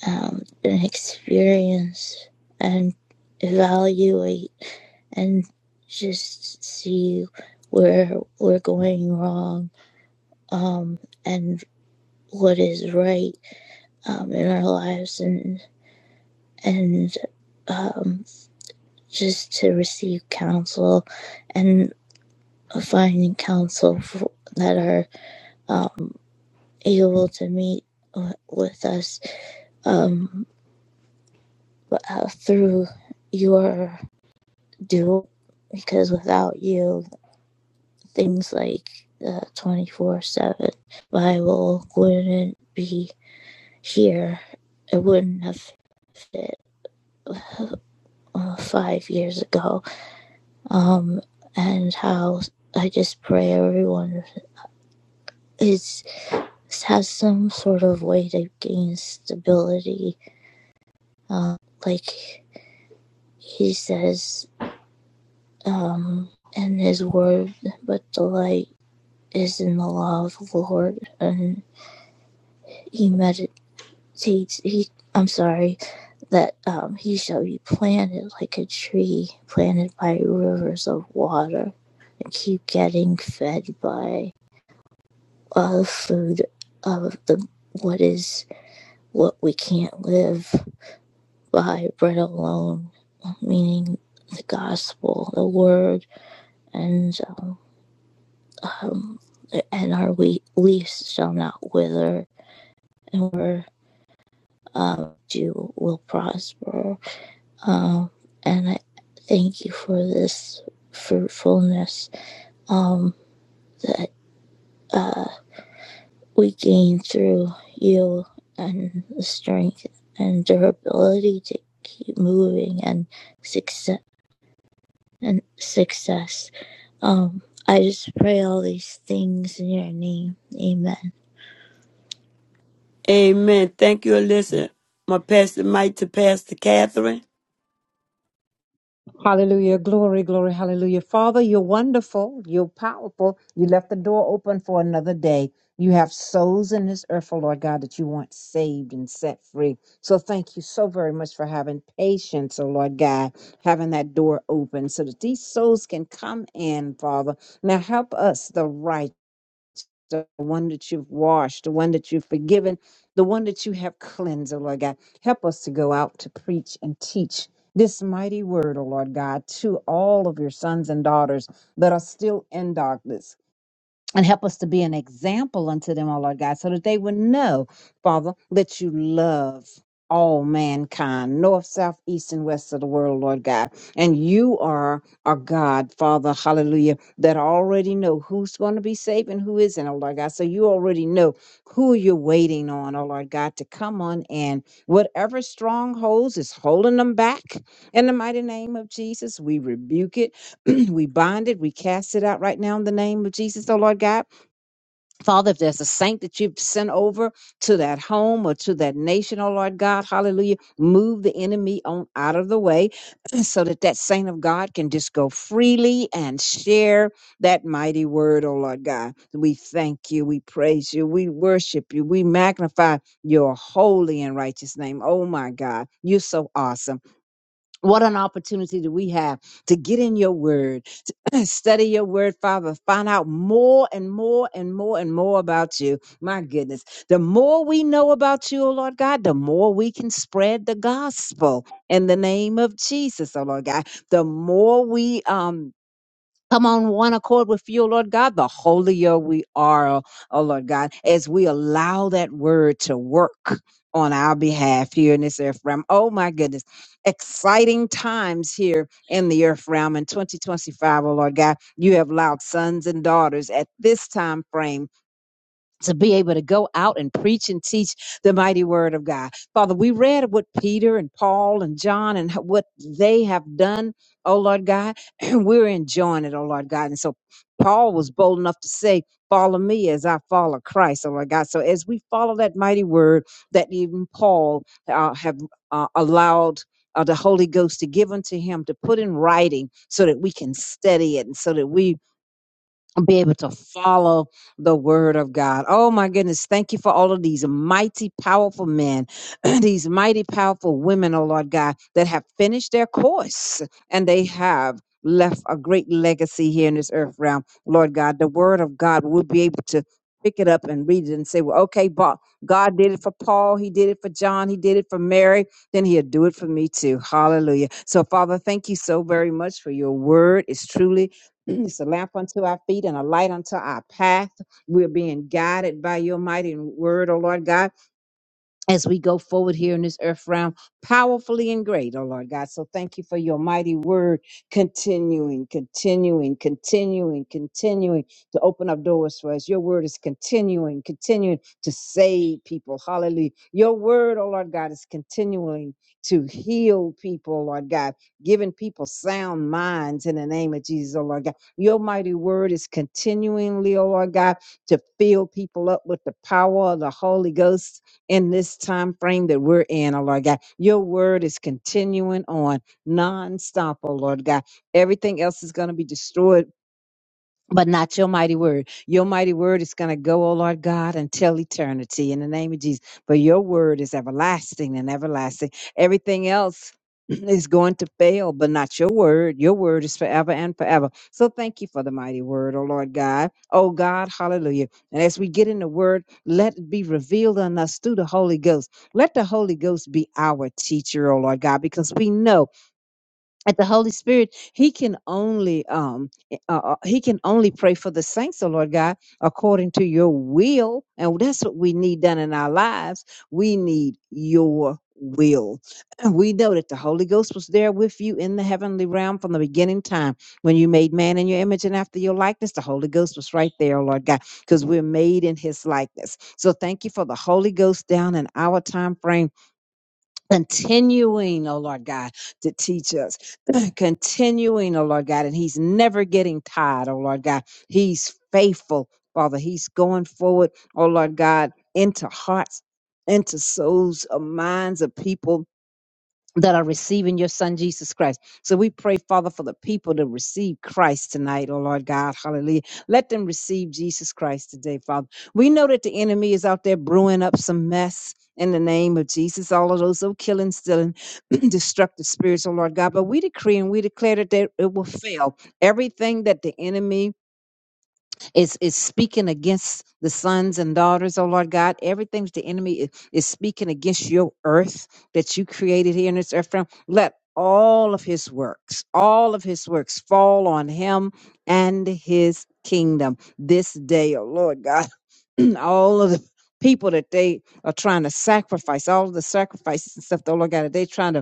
um, and experience and evaluate and just see where we're going wrong um, and what is right um, in our lives and and um, just to receive counsel and finding counsel for, that are um, able to meet uh, with us um, uh, through your do because without you, things like twenty four seven Bible wouldn't be here. It wouldn't have fit uh, five years ago. Um, and how I just pray everyone is has some sort of way to gain stability. Uh, like he says um, in his word, but delight is in the law of the Lord, and he meditates. He, I'm sorry, that um, he shall be planted like a tree planted by rivers of water, and keep getting fed by uh, food of the what is what we can't live by bread alone, meaning the gospel, the word, and um, um, and our we- leaves shall not wither, and we're. uh, you will prosper. Um, and I thank you for this fruitfulness um, that uh, we gain through you and the strength and durability to keep moving and success and success. Um, I just pray all these things in your name. Amen.
Amen. Thank you, Alyssa. My pastor mic to Pastor Catherine.
Hallelujah. Glory, glory, hallelujah. Father, you're wonderful. You're powerful. You left the door open for another day. You have souls in this earth, oh Lord God, that you want saved and set free. So thank you so very much for having patience, oh Lord God, having that door open so that these souls can come in, Father. Now help us, the righteous the one that you've washed, the one that you've forgiven, the one that you have cleansed, oh Lord God. Help us to go out to preach and teach this mighty word, oh Lord God, to all of your sons and daughters that are still in darkness and help us to be an example unto them, O Lord God, so that they would know, Father, that you love all mankind, north, south, east, and west of the world, Lord God. And you are our God, Father, hallelujah, that already know who's going to be saved and who isn't, O Lord God. So you already know who you're waiting on, O Lord God, to come on in. Whatever strongholds is holding them back, in the mighty name of Jesus, we rebuke it <clears throat> we bind it, we cast it out right now in the name of Jesus, oh Lord God. Father, if there's a saint that you've sent over to that home or to that nation, oh Lord God, hallelujah, move the enemy on out of the way <clears throat> so that that saint of God can just go freely and share that mighty word, oh Lord God. We thank you, we praise you, we worship you, we magnify your holy and righteous name. Oh my God, you're so awesome. What an opportunity do we have to get in your word, <clears throat> to study your word, Father, find out more and more and more and more about you. My goodness. The more we know about you, oh Lord God, the more we can spread the gospel in the name of Jesus, oh Lord God. The more we um come on one accord with you, O Lord God, the holier we are, O O Lord God, as we allow that word to work on our behalf here in this earth realm. Oh my goodness. Exciting times here in the earth realm in 2025, oh Lord God. You have allowed sons and daughters at this time frame to be able to go out and preach and teach the mighty word of God. Father, we read what Peter and Paul and John and ho- what they have done, oh Lord God, <clears throat> and we're enjoying it, oh Lord God. And so Paul was bold enough to say, Follow me as I follow Christ, oh Lord God. So as we follow that mighty word that even Paul uh, have uh, allowed. Uh, the Holy Ghost to give unto him to put in writing so that we can study it and so that we be able to follow the word of God. Oh my goodness. Thank you for all of these mighty, powerful men, <clears throat> these mighty, powerful women, oh Lord God, that have finished their course and they have left a great legacy here in this earth realm. Lord God, the word of God will be able to pick it up and read it and say, well, okay, but God did it for Paul. He did it for John. He did it for Mary. Then he'll do it for me too. Hallelujah. So Father, thank you so very much for your word. It's truly <clears throat> It's a lamp unto our feet and a light unto our path. We're being guided by your mighty word, O Lord God as we go forward here in this earth realm powerfully and great, oh Lord God. So thank you for your mighty word continuing, continuing, continuing, continuing to open up doors for us. Your word is continuing, continuing to save people. Hallelujah. Your word, oh Lord God, is continuing to heal people, oh Lord God, giving people sound minds in the name of Jesus, oh Lord God. Your mighty word is continually, oh Lord God, to fill people up with the power of the Holy Ghost in this time frame that we're in, oh Lord God. Your word is continuing on nonstop, oh Lord God. Everything else is going to be destroyed but not your mighty word. Your mighty word is going to go, oh Lord God, until eternity in the name of Jesus. But your word is everlasting and everlasting. Everything else <clears throat> is going to fail, but not your word. Your word is forever and forever. So thank you for the mighty word, oh Lord God. Oh God, hallelujah. And as we get in the word, let it be revealed on us through the Holy Ghost. Let the Holy Ghost be our teacher, oh Lord God, because we know at the Holy Spirit, He can only um eh, uh, uh, He can only pray for the saints, oh Lord God, according to Your will, and that's what we need done in our lives. We need Your will. And we know that the Holy Ghost was there with you in the heavenly realm from the beginning time when you made man in Your image and after Your likeness. The Holy Ghost was right there, oh Lord God, because we're made in His likeness. So thank you for the Holy Ghost down in our time frame continuing, oh Lord God, to teach us, <clears throat> continuing, oh Lord God, and He's never getting tired, oh Lord God. He's faithful, Father. He's going forward, oh Lord God, into hearts, into souls, of minds of people that are receiving your son Jesus Christ. So we pray, Father, for the people to receive Christ tonight, oh Lord God, hallelujah. Let them receive Jesus Christ today, Father. We know that the enemy is out there brewing up some mess in the name of Jesus, all of those oh, killing, stealing, <clears throat> destructive spirits, oh Lord God. But we decree and we declare that they, it will fail. Everything that the enemy it's, it's speaking against the sons and daughters, oh Lord God. Everything the enemy is, is speaking against your earth that you created here in this earth realm. Let all of his works, all of his works fall on him and his kingdom this day, oh Lord God. <clears throat> all of the people that they are trying to sacrifice, all of the sacrifices and stuff, oh Lord God, that they trying to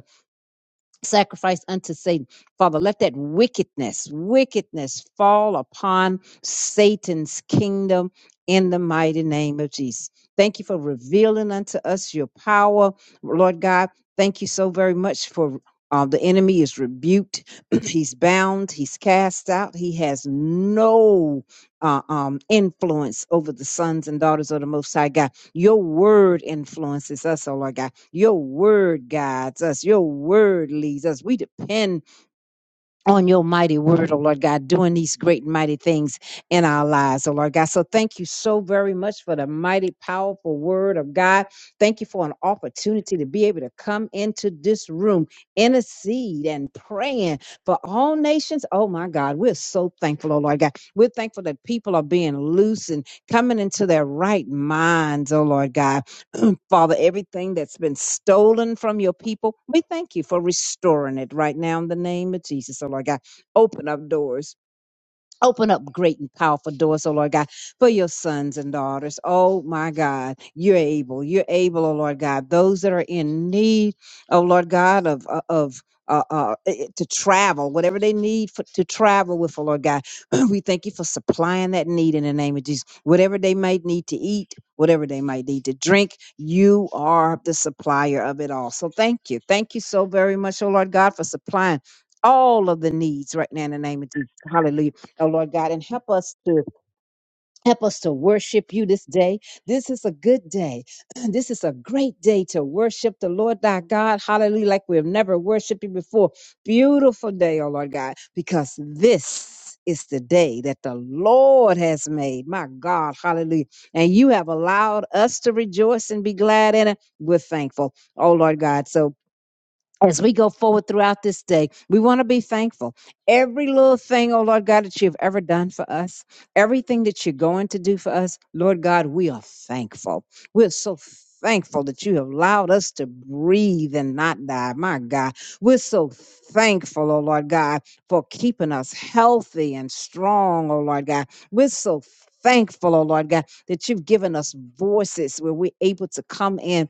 sacrifice unto Satan. Father, let that wickedness, wickedness fall upon Satan's kingdom in the mighty name of Jesus. Thank you for revealing unto us your power, Lord God. Thank you so very much for. Uh, the enemy is rebuked. <clears throat> he's bound. He's cast out. He has no uh, um, influence over the sons and daughters of the Most High God. Your word influences us, oh Lord God. Your word guides us. Your word leads us. We depend on your mighty word, oh Lord God, doing these great and mighty things in our lives, oh Lord God. So thank you so very much for the mighty, powerful word of God. Thank you for an opportunity to be able to come into this room, intercede and praying for all nations. Oh my God, we're so thankful, oh Lord God. We're thankful that people are being loose and coming into their right minds, oh Lord God. Father, everything that's been stolen from your people, we thank you for restoring it right now in the name of Jesus. Oh, Lord God, open up doors Open up great and powerful doors, oh Lord God, for your sons and daughters. Oh my God, you're able. You're able, oh Lord God. Those that are in need, oh Lord God, of uh, of uh, uh, eh, to travel, whatever they need for, to travel with, oh Lord God, <clears throat> we thank you for supplying that need in the name of Jesus. Whatever they might need to eat, whatever they might need to drink, you are the supplier of it all. So thank you, thank you so very much, oh Lord God, for supplying all of the needs right now in the name of Jesus. Hallelujah. Oh Lord God, and help us to help us to worship you this day. This is a good day. <clears throat> This is a great day to worship the Lord thy God. Hallelujah. Like we've never worshiped you before. Beautiful day, oh Lord God, because this is the day that the Lord has made. My God, hallelujah. And you have allowed us to rejoice and be glad in it. We're thankful. Oh Lord God. So as we go forward throughout this day, we want to be thankful. Every little thing, oh Lord God, that you've ever done for us, everything that you're going to do for us, Lord God, we are thankful. We're so thankful that you have allowed us to breathe and not die. My God, we're so thankful, oh Lord God, for keeping us healthy and strong, oh Lord God. We're so thankful, oh Lord God, that you've given us voices where we're able to come in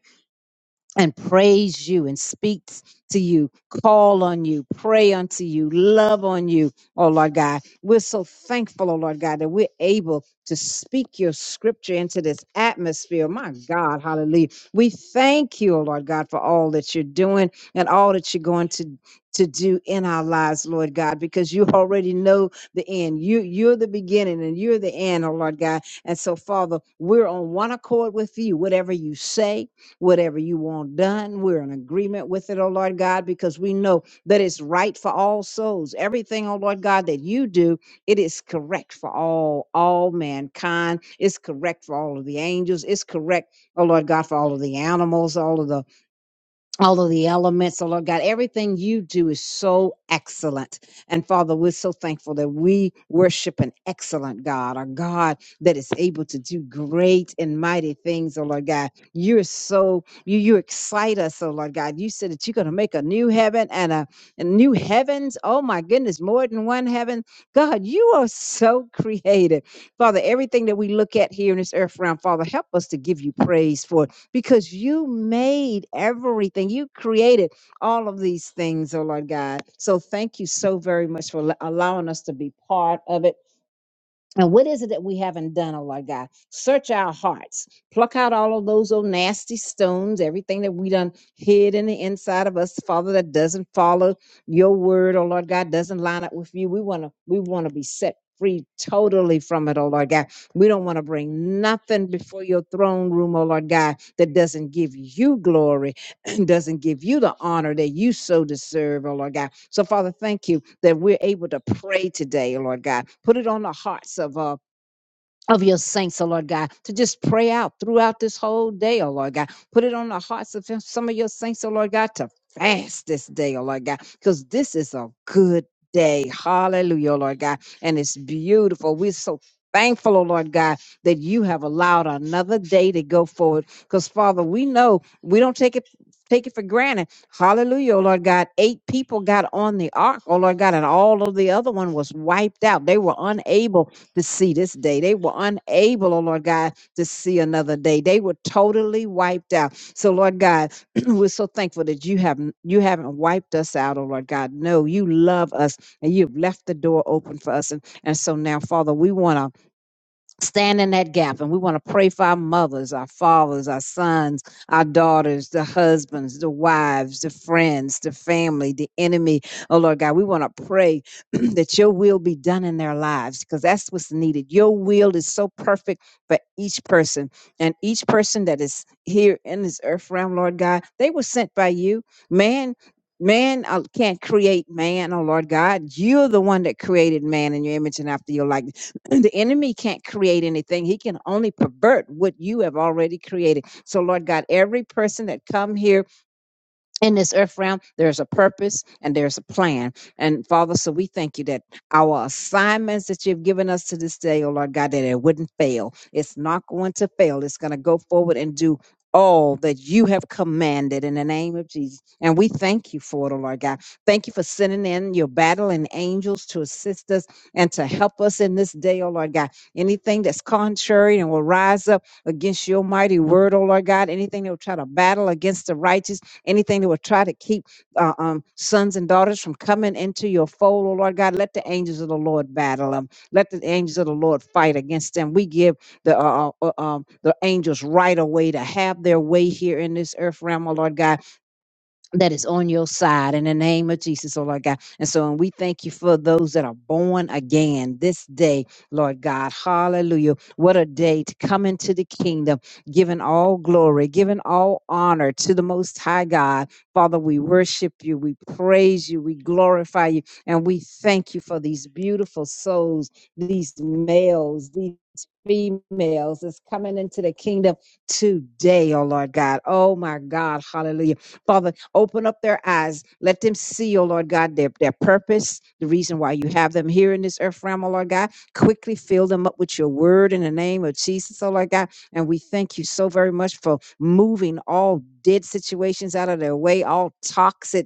and praise you and speaks to you, call on you, pray unto you, love on you, oh Lord God. We're so thankful, oh Lord God, that we're able to speak your scripture into this atmosphere. My God, hallelujah. We thank you, oh Lord God, for all that you're doing and all that you're going to to do in our lives, Lord God, because you already know the end. You you're the beginning and you're the end, oh Lord God. And so, Father, we're on one accord with you. Whatever you say, Whatever you want done, we're in agreement with it, oh Lord God, because we know that it's right for all souls. Everything, oh Lord God, that you do, it is correct for all, all mankind. It's correct for all of the angels. It's correct, oh Lord God, for all of the animals, all of the all of the elements, oh Lord God, everything you do is so excellent. And Father, we're so thankful that we worship an excellent God, a God that is able to do great and mighty things, oh Lord God. You're so you you excite us, oh Lord God. You said that you're gonna make a new heaven and a, a new heavens. Oh my goodness, more than one heaven. God, you are so <laughs> creative. Father, everything that we look at here in this earth realm, Father, help us to give you praise for because you made everything. You created all of these things, oh Lord God. So thank you so very much for allowing us to be part of it and what is it that we haven't done, oh Lord God? Search our hearts. Pluck out all of those old nasty stones, everything that we done hid in the inside of us, Father, that doesn't follow your word, oh Lord God, doesn't line up with you. We want to we want to be set free totally from it, oh Lord God. We don't want to bring nothing before your throne room, oh Lord God, that doesn't give you glory <clears throat> doesn't give you the honor that you so deserve, oh Lord God. So, Father, thank you that we're able to pray today, oh Lord God. Put it on the hearts of uh, of your saints, oh Lord God, to just pray out throughout this whole day, oh Lord God. Put it on the hearts of some of your saints, oh Lord God, to fast this day, oh Lord God, because this is a good day. Hallelujah, oh Lord God. And it's beautiful. We're so thankful, oh Lord God, that you have allowed another day to go forward. Because Father, we know we don't take it. Take it for granted. Hallelujah, oh Lord God. Eight people got on the ark, oh Lord God, and all of the other one was wiped out. They were unable to see this day. They were unable, oh Lord God, to see another day. They were totally wiped out. So Lord God, <clears throat> we're so thankful that you haven't you haven't wiped us out, oh Lord God. No, you love us and you've left the door open for us. And, and so now, Father, we want to stand in that gap and we want to pray for our mothers our fathers our sons our daughters the husbands the wives the friends the family the enemy oh lord god we want to pray <clears throat> that your will be done in their lives because that's what's needed your will is so perfect for each person and each person that is here in this earth realm lord god they were sent by you man Man uh, can't create man, oh Lord God. You're the one that created man in your image and after your likeness <clears throat> And the enemy can't create anything he can only pervert what you have already created so lord god every person that come here in this earth realm, there's a purpose and there's a plan. And Father, so we thank you that our assignments that you've given us to this day, oh Lord God, that it wouldn't fail. It's not going to fail. It's going to go forward and do all that you have commanded in the name of Jesus. And we thank you for it, oh Lord God. Thank you for sending in your battling angels to assist us and to help us in this day, oh Lord God. Anything that's contrary and will rise up against your mighty word, oh Lord God, anything that will try to battle against the righteous anything that will try to keep uh, um, sons and daughters from coming into your fold, oh Lord God. Let the angels of the Lord battle them. Let the angels of the Lord fight against them. We give the uh, uh, uh, um, the angels right away to have their way here in this earth realm, oh Lord God that is on your side in the name of Jesus, oh Lord God. And so, and we thank you for those that are born again this day, Lord God. Hallelujah. What a day to come into the kingdom, giving all glory, giving all honor to the Most High God. Father, we worship you, we praise you, we glorify you, and we thank you for these beautiful souls, these males, these females that's coming into the kingdom today, oh Lord God. Oh my God, hallelujah Father, open up their eyes. Let them see, oh Lord God, their, their purpose, the reason why you have them here in this earth realm, oh Lord God. Quickly fill them up with your word in the name of Jesus, oh Lord God. And we thank you so very much for moving all dead situations out of their way, all toxic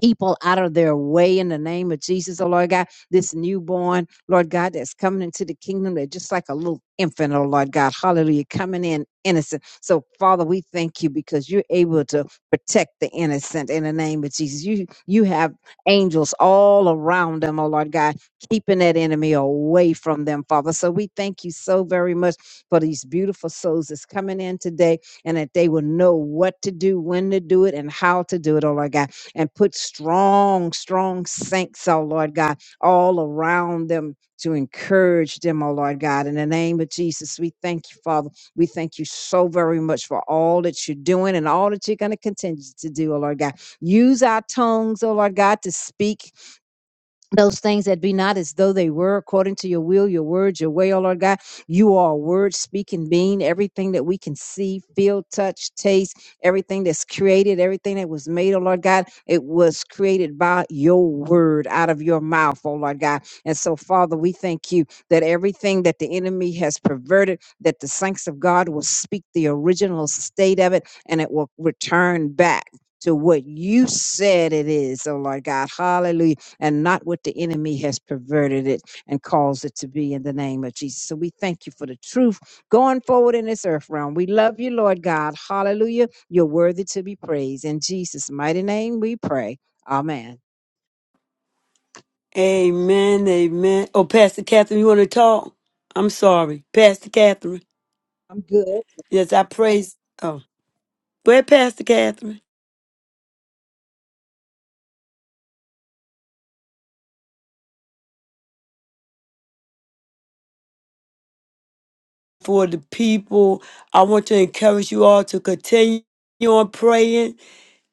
people out of their way in the name of Jesus, oh Lord God. This newborn, Lord God, that's coming into the kingdom, they're just like a little infant, oh Lord God. Hallelujah, coming in innocent. So, Father, we thank you because you're able to protect the innocent in the name of Jesus. You you have angels all around them, oh Lord God, keeping that enemy away from them, Father. So we thank you so very much for these beautiful souls that's coming in today and that they will know what to do, when to do it, and how to do it, oh Lord God and put strong, strong saints, oh Lord God, all around them to encourage them, oh Lord God. In the name of Jesus, we thank you, Father. We thank you so very much for all that you're doing and all that you're going to continue to do, oh Lord God. Use our tongues, oh Lord God, to speak those things that be not as though they were according to your will, your words, your way, O Lord God. You are a word speaking being, everything that we can see, feel, touch, taste, everything that's created, everything that was made, O Lord God, it was created by your word out of your mouth, O Lord God. And so, Father, we thank you that everything that the enemy has perverted, that the saints of God will speak the original state of it and it will return back. To what you said it is, oh Lord God. Hallelujah and not what the enemy has perverted it and caused it to be in the name of Jesus. So we thank you for the truth going forward in this earth realm. We love you, Lord God. Hallelujah. You're worthy to be praised. In Jesus' mighty name we pray. Amen.
Amen. Amen. Oh, Pastor Catherine, you want to talk? I'm sorry. Pastor Catherine.
I'm good.
Yes, I praise. Oh, go ahead, Pastor Catherine. For the people, I want to encourage you all to continue on praying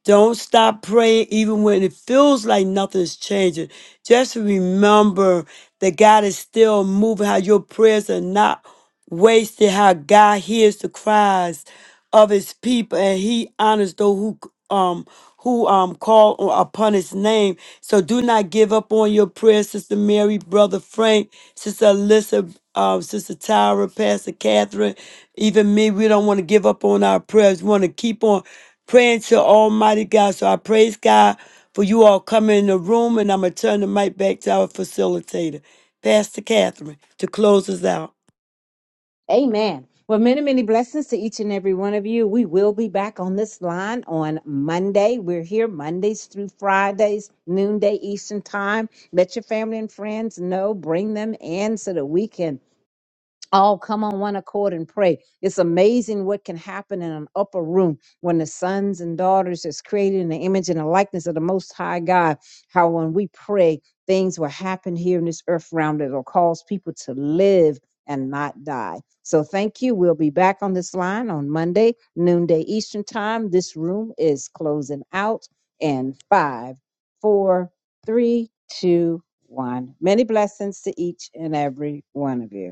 Don't stop praying even when it feels like nothing's changing. Just remember that God is still moving, how your prayers are not wasted, how God hears the cries of his people and he honors those who um who um call o- upon his name. So do not give up on your prayers, Sister Mary, Brother Frank, Sister Alyssa, um, Sister Tyra, Pastor Catherine, even me. We don't want to give up on our prayers. We want to keep on praying to Almighty God. So I praise God for you all coming in the room, and I'm going to turn the mic back to our facilitator, Pastor Catherine, to close us out.
Amen. Well, many, many blessings to each and every one of you. We will be back on this line on Monday. We're here Mondays through Fridays, noonday Eastern time. Let your family and friends know. Bring them in so that we can all come on one accord and pray. It's amazing what can happen in an upper room when the sons and daughters is created in the image and the likeness of the Most High God. How when we pray, things will happen here in this earth realm that will cause people to live and not die. So thank you. We'll be back on this line on Monday, noonday Eastern time. This room is closing out in five, four, three, two, one. Many blessings to each and every one of you.